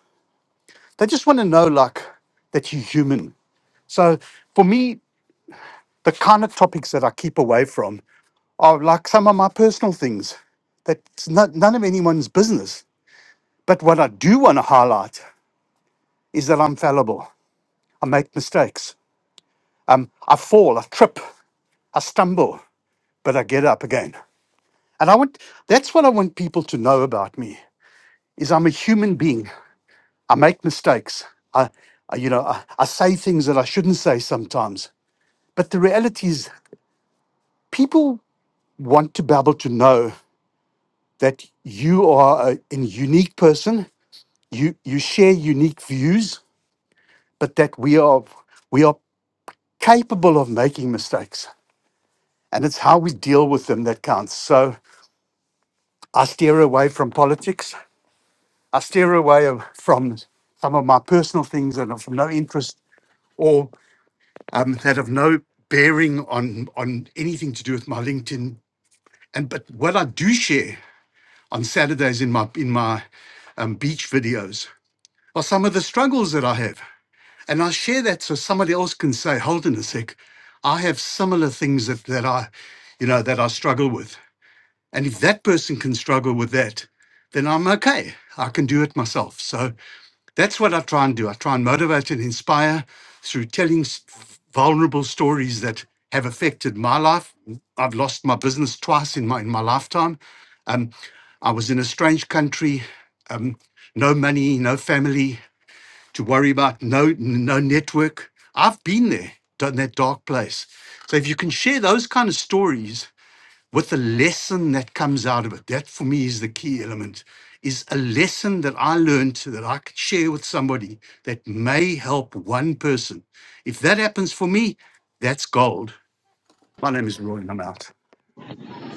E: They just want to know like that you're human. So for me, the kind of topics that I keep away from are like some of my personal things. That's not, none of anyone's business. But what I do want to highlight is that I'm fallible. I make mistakes. Um, I fall, I trip, I stumble, but I get up again. And I want that's what I want people to know about me is I'm a human being. I make mistakes. I, I you know, I, I say things that I shouldn't say sometimes. But the reality is people want to be able to know that you are a, a unique person. You you share unique views, but that we are we are capable of making mistakes, and it's how we deal with them that counts. So I steer away from politics. I steer away of, from some of my personal things that are of no interest or um, that have no bearing on on anything to do with my LinkedIn. And but what I do share on Saturdays in my in my um, beach videos are some of the struggles that I have. And I share that so somebody else can say, hold on a sec, I have similar things that, that I, you know, that I struggle with. And if that person can struggle with that, then I'm okay. I can do it myself. So that's what I try and do. I try and motivate and inspire through telling s- vulnerable stories that have affected my life. I've lost my business twice in my in my lifetime. Um, I was in a strange country, um, no money, no family to worry about no no network. I've been there, done that dark place. So if you can share those kind of stories with the lesson that comes out of it, that for me is the key element. Is a lesson that I learned so that I could share with somebody that may help one person. If that happens for me, that's gold. My name is Roy, and I'm out.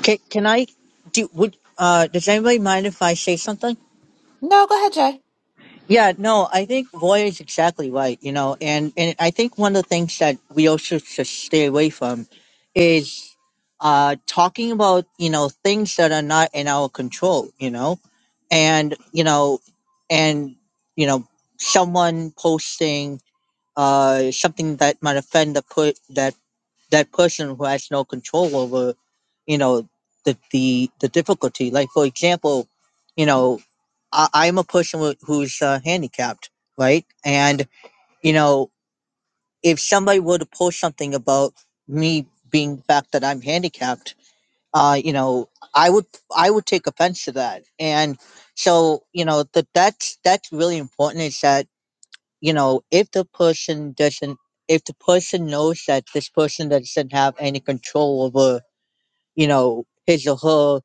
I: Can, can I do would uh does anybody mind if I say something?
B: No, go ahead, Jay.
I: Yeah, no, I think Roy is exactly right, you know, and, and I think one of the things that we also should stay away from is uh, talking about, you know, things that are not in our control, you know, and, you know, and, you know, someone posting uh, something that might offend the, per- that that person who has no control over you know the the, the difficulty like for example you know I, i'm a person who- who's uh, handicapped right and you know if somebody were to post something about me being the fact that i'm handicapped uh you know i would i would take offense to that and so you know that that's that's really important is that you know, if the person doesn't, if the person knows that this person doesn't have any control over, you know, his or her,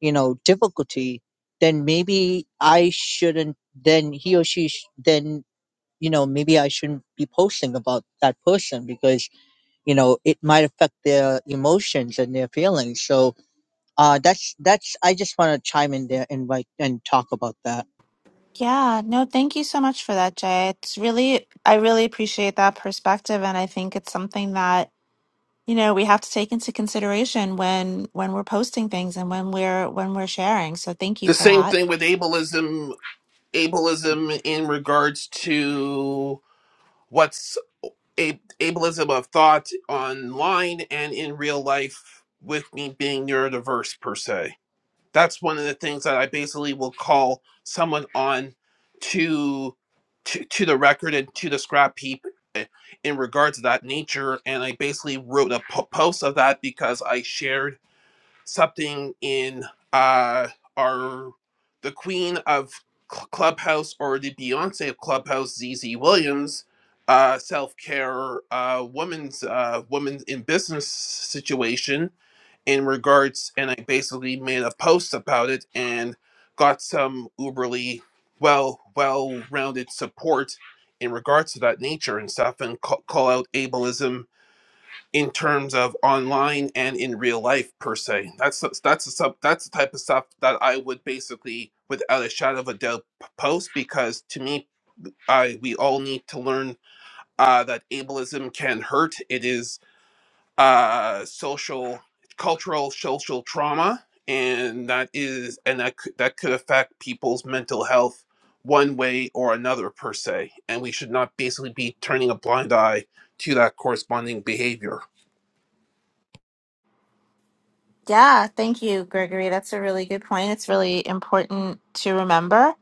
I: you know, difficulty, then maybe I shouldn't, then he or she, sh- then, you know, maybe I shouldn't be posting about that person because, you know, it might affect their emotions and their feelings. So, uh, that's that's. I just want to chime in there and like and talk about that.
B: Yeah, no, thank you so much for that, Jay. It's really, I really appreciate that perspective, and I think it's something that, you know, we have to take into consideration when when we're posting things and when we're when we're sharing. So thank you
H: the
B: for
H: same
B: that.
H: thing with ableism. Ableism in regards to what's a, ableism of thought online and in real life, with me being neurodiverse per se. that's one of the things that I basically will call someone on to to, to the record and to the scrap heap eh, in regards to that nature. And I basically wrote a po- post of that because I shared something in uh, our the Queen of Cl- Clubhouse or the Beyonce of Clubhouse, Z Z Williams. Uh, self care, uh, woman's uh, woman in business situation, in regards and I basically made a post about it and got some uberly well well rounded support in regards to that nature and stuff and call, call out ableism in terms of online and in real life per se that's the- that's the sub that's the type of stuff that I would basically without a shadow of a doubt p- post because to me I we all need to learn uh, that ableism can hurt. It is uh, social, cultural, social trauma, and that is, and that could, that could affect people's mental health one way or another per se. And we should not basically be turning a blind eye to that corresponding behavior.
B: Yeah, thank you, Gregory. That's a really good point. It's really important to remember.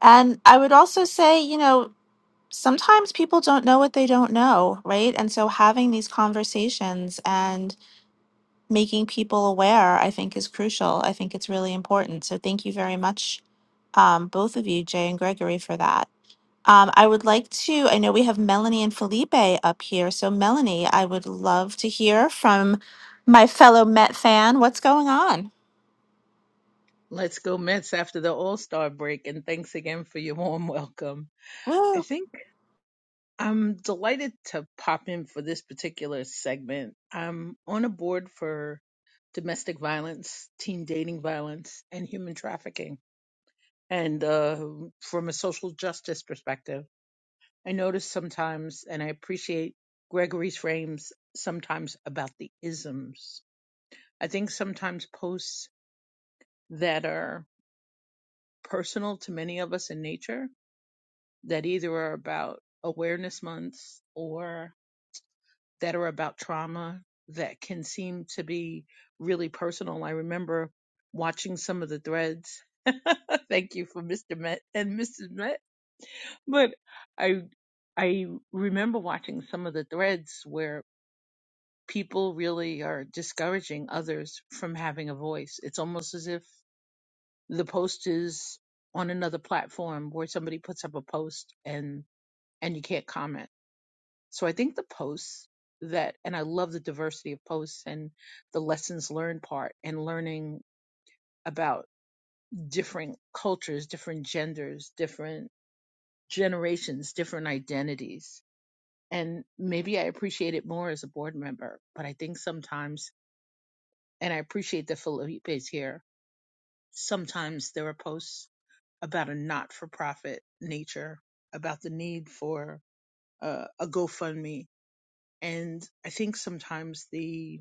B: And I would also say, you know, sometimes people don't know what they don't know, right? And so having these conversations and making people aware, I think, is crucial. I think it's really important. So thank you very much, um, both of you, Jay and Gregory, for that. Um, I would like to, I know we have Melanie and Felipe up here. So, Melanie, I would love to hear from my fellow Met fan what's going on.
J: Let's go Mets after the All Star break. And thanks again for your warm welcome. I
B: Woo!
J: think I'm delighted to pop in for this particular segment. I'm on a board for domestic violence, teen dating violence, and human trafficking. And uh, from a social justice perspective, I notice sometimes, and I appreciate Gregory's frames sometimes about the isms. I think sometimes posts that are personal to many of us in nature that either are about awareness months or that are about trauma that can seem to be really personal. I remember watching some of the threads. Thank you for Mr. Met and Mrs. Met, but I I remember watching some of the threads where people really are discouraging others from having a voice. It's almost as if the post is on another platform where somebody puts up a post and and you can't comment So I think the posts that, and I love the diversity of posts and the lessons learned part and learning about different cultures, different genders, different generations, different identities. And maybe I appreciate it more as a board member, but I think sometimes, and I appreciate that Felipe here, sometimes there are posts about a not for profit nature, about the need for uh, a GoFundMe. And I think sometimes the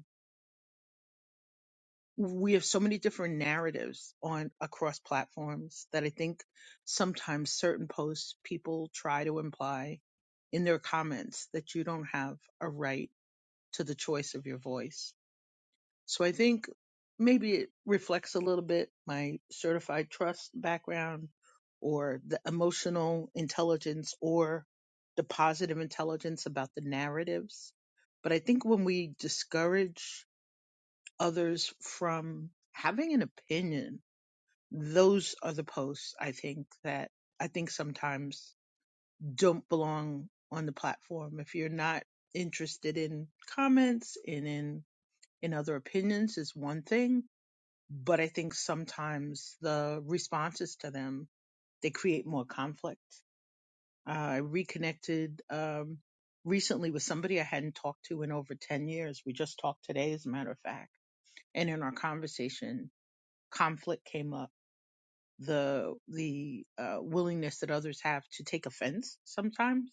J: we have so many different narratives on across platforms that I think sometimes certain posts people try to imply in their comments that you don't have a right to the choice of your voice. So I think maybe it reflects a little bit my certified trust background or the emotional intelligence or the positive intelligence about the narratives. But I think when we discourage others from having an opinion. Those are the posts I think that I think sometimes don't belong on the platform. If you're not interested in comments and in in other opinions is one thing, but I think sometimes the responses to them they create more conflict. Uh, I reconnected um, recently with somebody I hadn't talked to in over ten years. We just talked today, as a matter of fact. And in our conversation, conflict came up, the the uh, willingness that others have to take offense sometimes.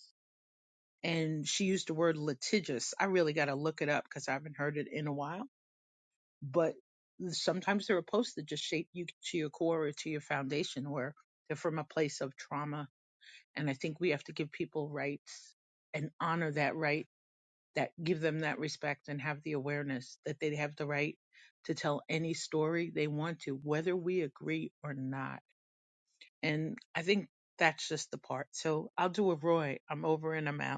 J: And she used the word litigious. I really got to look it up because I haven't heard it in a while. But sometimes there are posts that just shape you to your core or to your foundation, where they're from a place of trauma. And I think we have to give people rights and honor that right, that give them that respect and have the awareness that they have the right to tell any story they want to, whether we agree or not And I think that's just the part. So I'll do a Roy. I'm over and I'm out.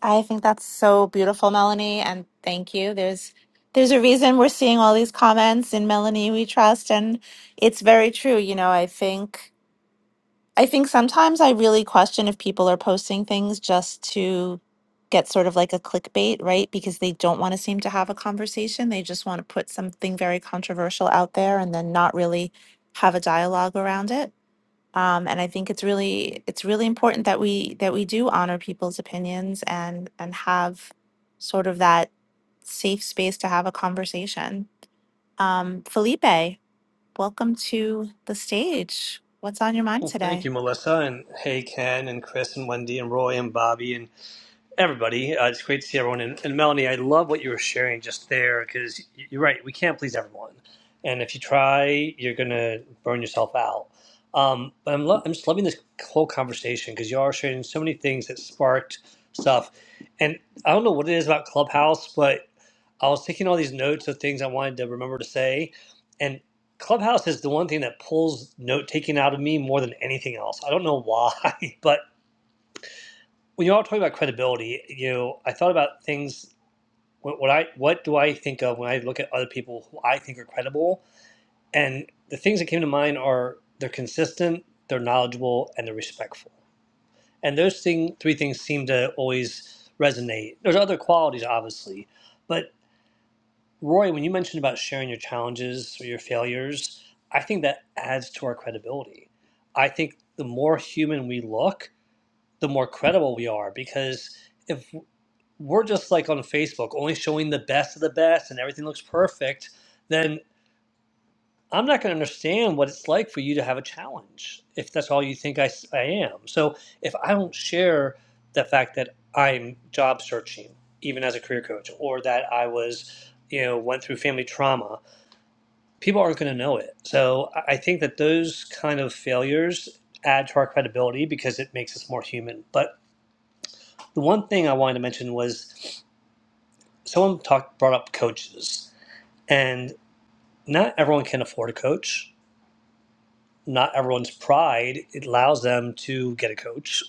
B: I think that's so beautiful, Melanie, and thank you. There's there's a reason we're seeing all these comments in Melanie We Trust, and it's very true. You know, I think I think sometimes I really question if people are posting things just to get sort of like a clickbait, right? Because they don't want to seem to have a conversation. They just want to put something very controversial out there and then not really have a dialogue around it. Um, and I think it's really it's really important that we that we do honor people's opinions and and have sort of that safe space to have a conversation. Um, Felipe, welcome to the stage. What's on your mind
K: Well, thank
B: today?
K: you, Melissa, and hey, Ken, and Chris, and Wendy, and Roy, and Bobby, and everybody. Uh, it's great to see everyone. And, and Melanie, I love what you were sharing just there because you're right. We can't please everyone, and if you try, you're gonna burn yourself out. Um, but I'm, lo- I'm just loving this whole conversation because you are sharing so many things that sparked stuff. And I don't know what it is about Clubhouse, but I was taking all these notes of things I wanted to remember to say, and Clubhouse is the one thing that pulls note taking out of me more than anything else. I don't know why, but when you all talking about credibility, you know, I thought about things. What, what I what do I think of when I look at other people who I think are credible? And the things that came to mind are they're consistent, they're knowledgeable, and they're respectful. And those thing three things seem to always resonate. There's other qualities, obviously, but Roy, when you mentioned about sharing your challenges or your failures, I think that adds to our credibility. I think the more human we look, the more credible we are because if we're just like on Facebook, only showing the best of the best and everything looks perfect, then I'm not going to understand what it's like for you to have a challenge if that's all you think I, s- I am. So if I don't share the fact that I'm job searching, even as a career coach, or that I was, you know, went through family trauma, people aren't going to know it. So I I think that those kind of failures add to our credibility because it makes us more human. But the one thing I wanted to mention was someone talked brought up coaches And not everyone can afford a coach. Not everyone's pride allows them to get a coach.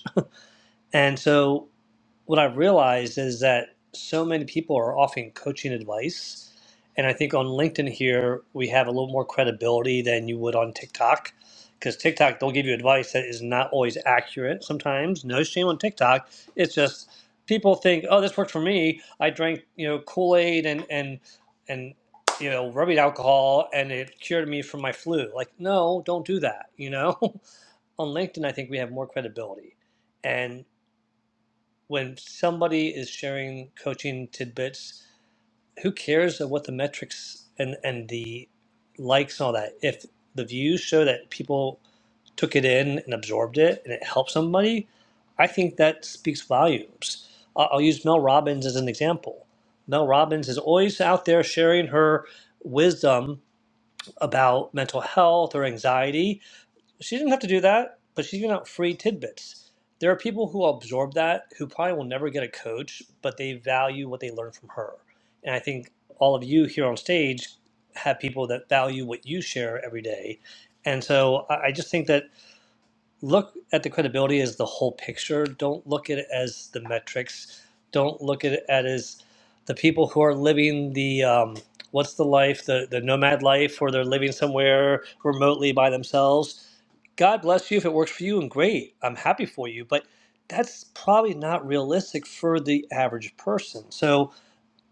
K: And so what I've realized is that so many people are offering coaching advice. And I think on LinkedIn here, we have a little more credibility than you would on TikTok because TikTok, they'll give you advice that is not always accurate sometimes. No shame on TikTok. It's just people think, oh, this worked for me. I drank, you know, Kool Aid and, and, and, you know, rubbing alcohol and it cured me from my flu. Like, no, don't do that. You know, on LinkedIn, I think we have more credibility when somebody is sharing coaching tidbits, who cares of what the metrics and, and the likes and all that? If the views show that people took it in and absorbed it and it helped somebody, I think that speaks volumes. I- I'll use Mel Robbins as an example. Mel Robbins is always out there sharing her wisdom about mental health or anxiety she didn't have to do that, but she's giving out free tidbits. There are people who will absorb that who probably will never get a coach, but they value what they learn from her. And I think all of you here on stage have people that value what you share every day. And so I I just think that look at the credibility as the whole picture. Don't look at it as the metrics. Don't look at it at as the people who are living the um, what's the life, the, the nomad life, or they're living somewhere remotely by themselves God bless you if it works for you and great. I'm happy for you, but that's probably not realistic for the average person. So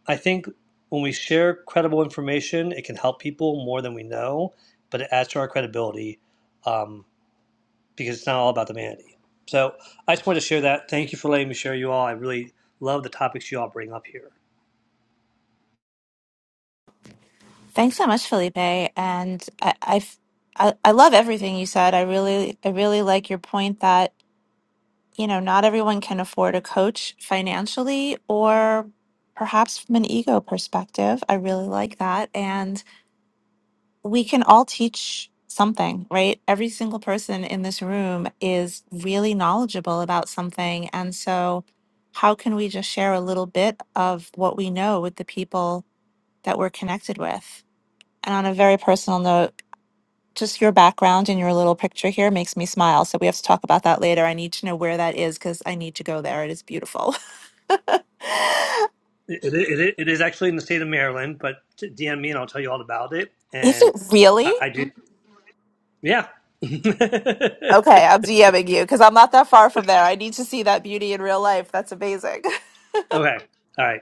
K: I think when we share credible information, it can help people more than we know, but it adds to our credibility um, because it's not all about the vanity. So I just wanted to share that. Thank you for letting me share you all. I really love the topics you all bring up here.
B: Thanks so much, Felipe. And I, I f- I- I love everything you said. I really I really like your point that you know not everyone can afford a coach financially or perhaps from an ego perspective. I really like that and we can all teach something, right? Every single person in this room is really knowledgeable about something. And so, how can we just share a little bit of what we know with the people that we're connected with? And on a very personal note, just your background and your little picture here makes me smile. So we have to talk about that later. I need to know where that is because I need to go there. It is beautiful.
K: It, it, it, it is actually in the state of Maryland, but DM me and I'll tell you all about it.
B: is
K: And
B: it
K: I,
B: really?
K: I do, yeah.
B: Okay, I'm DMing you because I'm not that far from there. I need to see that beauty in real life. That's amazing.
K: Okay. All right.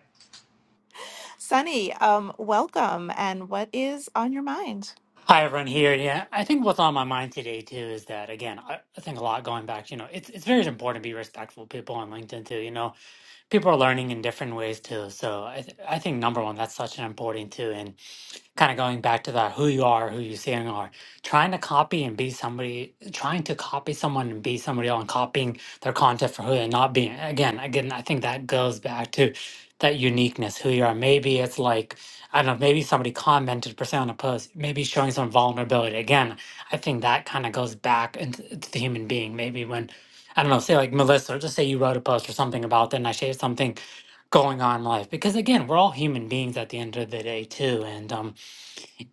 B: Sunny, um, welcome. And what is on your mind?
L: Hi, everyone here. Yeah, I think what's on my mind today too is that again, I, I think a lot going back. You know, it's it's very important to be respectful of people on LinkedIn too. You know, people are learning in different ways too. So I th I think number one, that's such an important too kind of going back to that who you are, who you saying are, trying to copy and be somebody, trying to copy someone and be somebody else, and copying their content for who they're not being. Again, again, I think that goes back to that uniqueness, who you are. Maybe it's like, I don't know, maybe somebody commented per se on a post, maybe showing some vulnerability. Again, I think that kind of goes back into to the human being. Maybe when, I don't know, say like Melissa, or just say you wrote a post or something about that, and I shared something going on in life because again we're all human beings at the end of the day too and um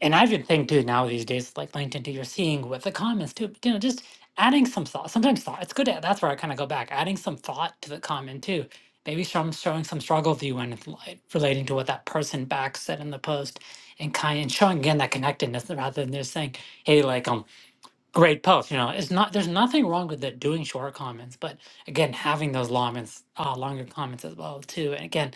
L: and I would think too now these days, like LinkedIn, too, you're seeing with the comments too, you know, just adding some thought. Sometimes thought, it's good. To, that's where I kind of go back, adding some thought to the comment too. Maybe some showing some struggle view and it's like, relating to what that person back said in the post, and kind and showing again that connectedness rather than just saying, "Hey, like um, great post." You know, it's not. There's nothing wrong with that doing short comments, but again, having those long, uh, longer comments as well too. And again,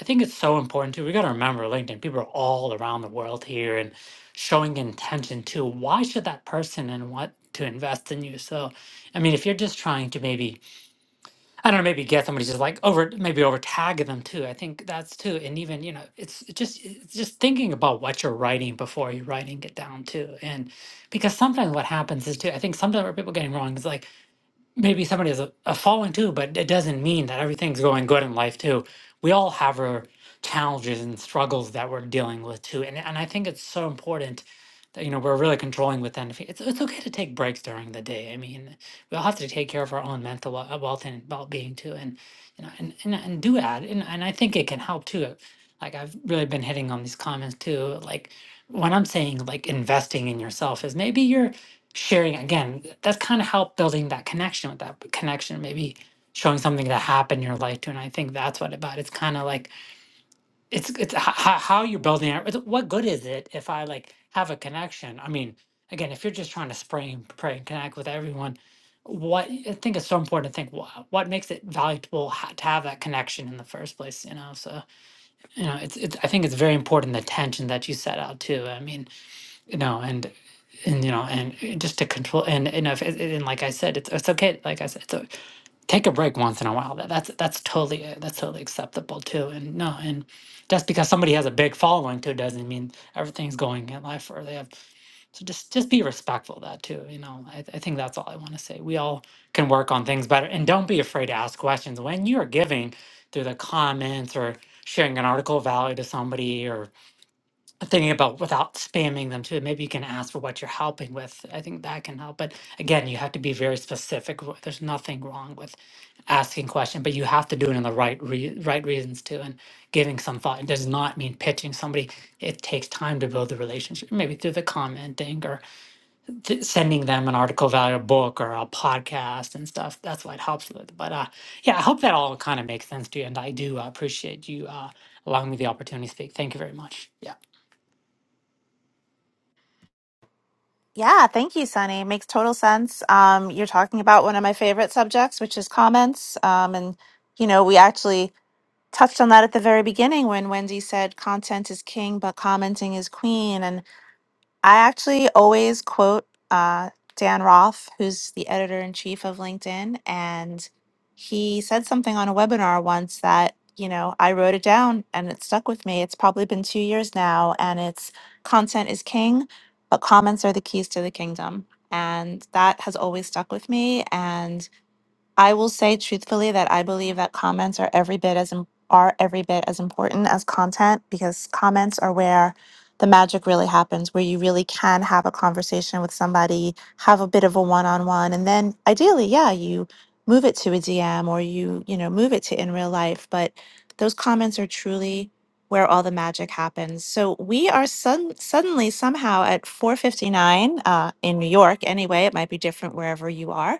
L: I think it's so important too. We got to remember LinkedIn, people are all around the world here and showing intention too. Why should that person and want to invest in you? So, I mean, if you're just trying to maybe, I don't know, maybe get somebody just like over, maybe over tag them too. I think that's too. And even, you know, it's it's just, it's just thinking about what you're writing before you're writing it down too. And because sometimes what happens is too, I think sometimes what people are getting wrong is like, maybe somebody has a, a falling too, but it doesn't mean that everything's going good in life too. We all have our challenges and struggles that we're dealing with too. And and I think it's so important that you know we're really controlling within. the fa- It's it's okay to take breaks during the day. I mean, we all have to take care of our own mental wel- wealth and well being too, and you know, and and, and do that. And and I think it can help too. Like I've really been hitting on these comments too. Like when I'm saying like investing in yourself is maybe you're sharing again that's kind of help building that connection with that connection maybe showing something that happened in your life too and i think that's what about it's kind of like it's it's how, how you're building it It's- what good is it if i like have a connection i mean again if you're just trying to spray and pray and connect with everyone what i think it's so important to think what, what makes it valuable ha- to have that connection in the first place you know so you know it's, it's i think it's very important the tension that you set out to i mean you know and and you know and just to control and you know if, and like i said it's it's okay like i said it's o take a break once in a while that, that's that's totally uh, that's totally acceptable too and no and just because somebody has a big following too doesn't mean everything's going in life or they have so just just be respectful of that too you know i, I think that's all i want to say we all can work on things better and don't be afraid to ask questions when you're giving through the comments or sharing an article of value to somebody thinking about without spamming them too. Maybe you can ask for what you're helping with. I think that can help. But again, you have to be very specific. w- There's nothing wrong with asking question, but you have to do it in the right re- right reasons too, and giving some thought. It does not mean pitching somebody. It takes time to build the relationship, maybe through the commenting or th- sending them an article, value book, or a podcast and stuff. That's what it helps with. But uh, yeah, I hope that all kind of makes sense to you, and I do uh, appreciate you uh, allowing me the opportunity to speak. Thank you very much. Yeah.
B: Yeah, thank you, Sunny. Makes total sense. Um, you're talking about one of my favorite subjects, which is comments. Um, and, you know, we actually touched on that at the very beginning when Wendy said content is king, but commenting is queen. I actually always quote uh, Dan Roth, who's the editor in chief of LinkedIn. And he said something on a webinar once that, you know, I wrote it down and it stuck with me. It's probably been two years now, and it's content is king, but comments are the keys to the kingdom. And that has always stuck with me. and I will say truthfully that I believe that comments are every bit as im- are every bit as important as content because comments are where the magic really happens, where you really can have a conversation with somebody, have a bit of a one-on-one, and then ideally, yeah, you move it to a DM or you, you know, move it to in real life, but those comments are truly where all the magic happens. So we are sudden suddenly somehow at 4:59 uh, in New York. Anyway, it might be different wherever you are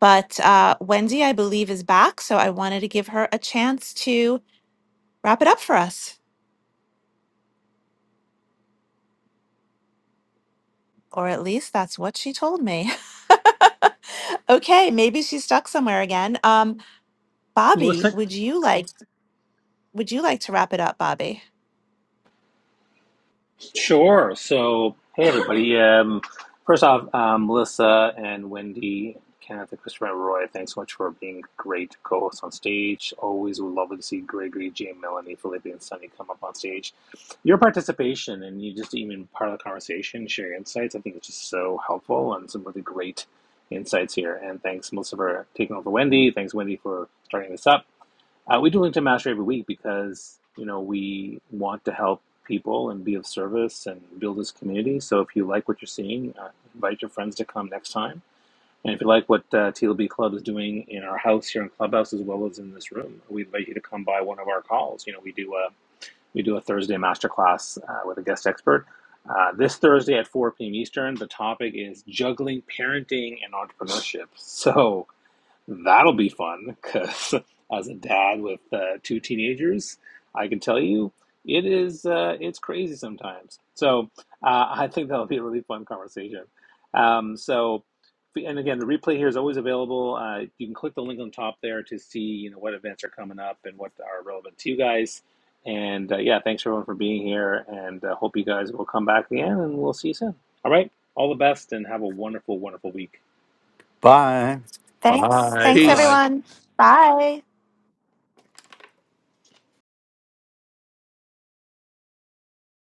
B: but uh, Wendy, I believe, is back. So I wanted to give her a chance to wrap it up for us. Or at least that's what she told me. okay, maybe she's stuck somewhere again. Um, Bobby,
K: Melissa,
B: would you like would you like to wrap it up, Bobby?
F: Sure. So, hey, everybody. Um, first off, um, Melissa and Wendy, Kenneth, and Christopher, and Roy, thanks so much for being great co hosts on stage. Always would love to see Gregory, Jane, Melanie, Felipe, and Sunny come up on stage. Your participation and you just even part of the conversation, share your insights, I think it's just so helpful and some really great insights here. And thanks, Melissa, for taking over Wendy. Thanks, Wendy, for starting this up. Uh, we do LinkedIn Mastery every week because you know we want to help people and be of service and build this community. So if you like what you're seeing, uh, invite your friends to come next time. And if you like what uh, TLB Club is doing in our house here in Clubhouse as well as in this room, we invite you to come by one of our calls. You know, we do a we do a Thursday masterclass uh, with a guest expert. Uh, this Thursday at 4 p.m. Eastern, the topic is juggling parenting and entrepreneurship. So That'll be fun because as a dad with uh, two teenagers, I can tell you it is uh, it's crazy sometimes. So uh, I think that'll be a really fun conversation. Um, so and again, the replay here is always available. Uh, you can click the link on top there to see you know what events are coming up and what are relevant to you guys. And uh, yeah, thanks everyone for being here, and uh, hope you guys will come back again, and we'll see you soon. All right, all the best, and have a wonderful, wonderful week.
E: Bye.
B: Thanks.
A: Bye.
B: Thanks
A: Bye.
H: Peace.
B: everyone. Bye.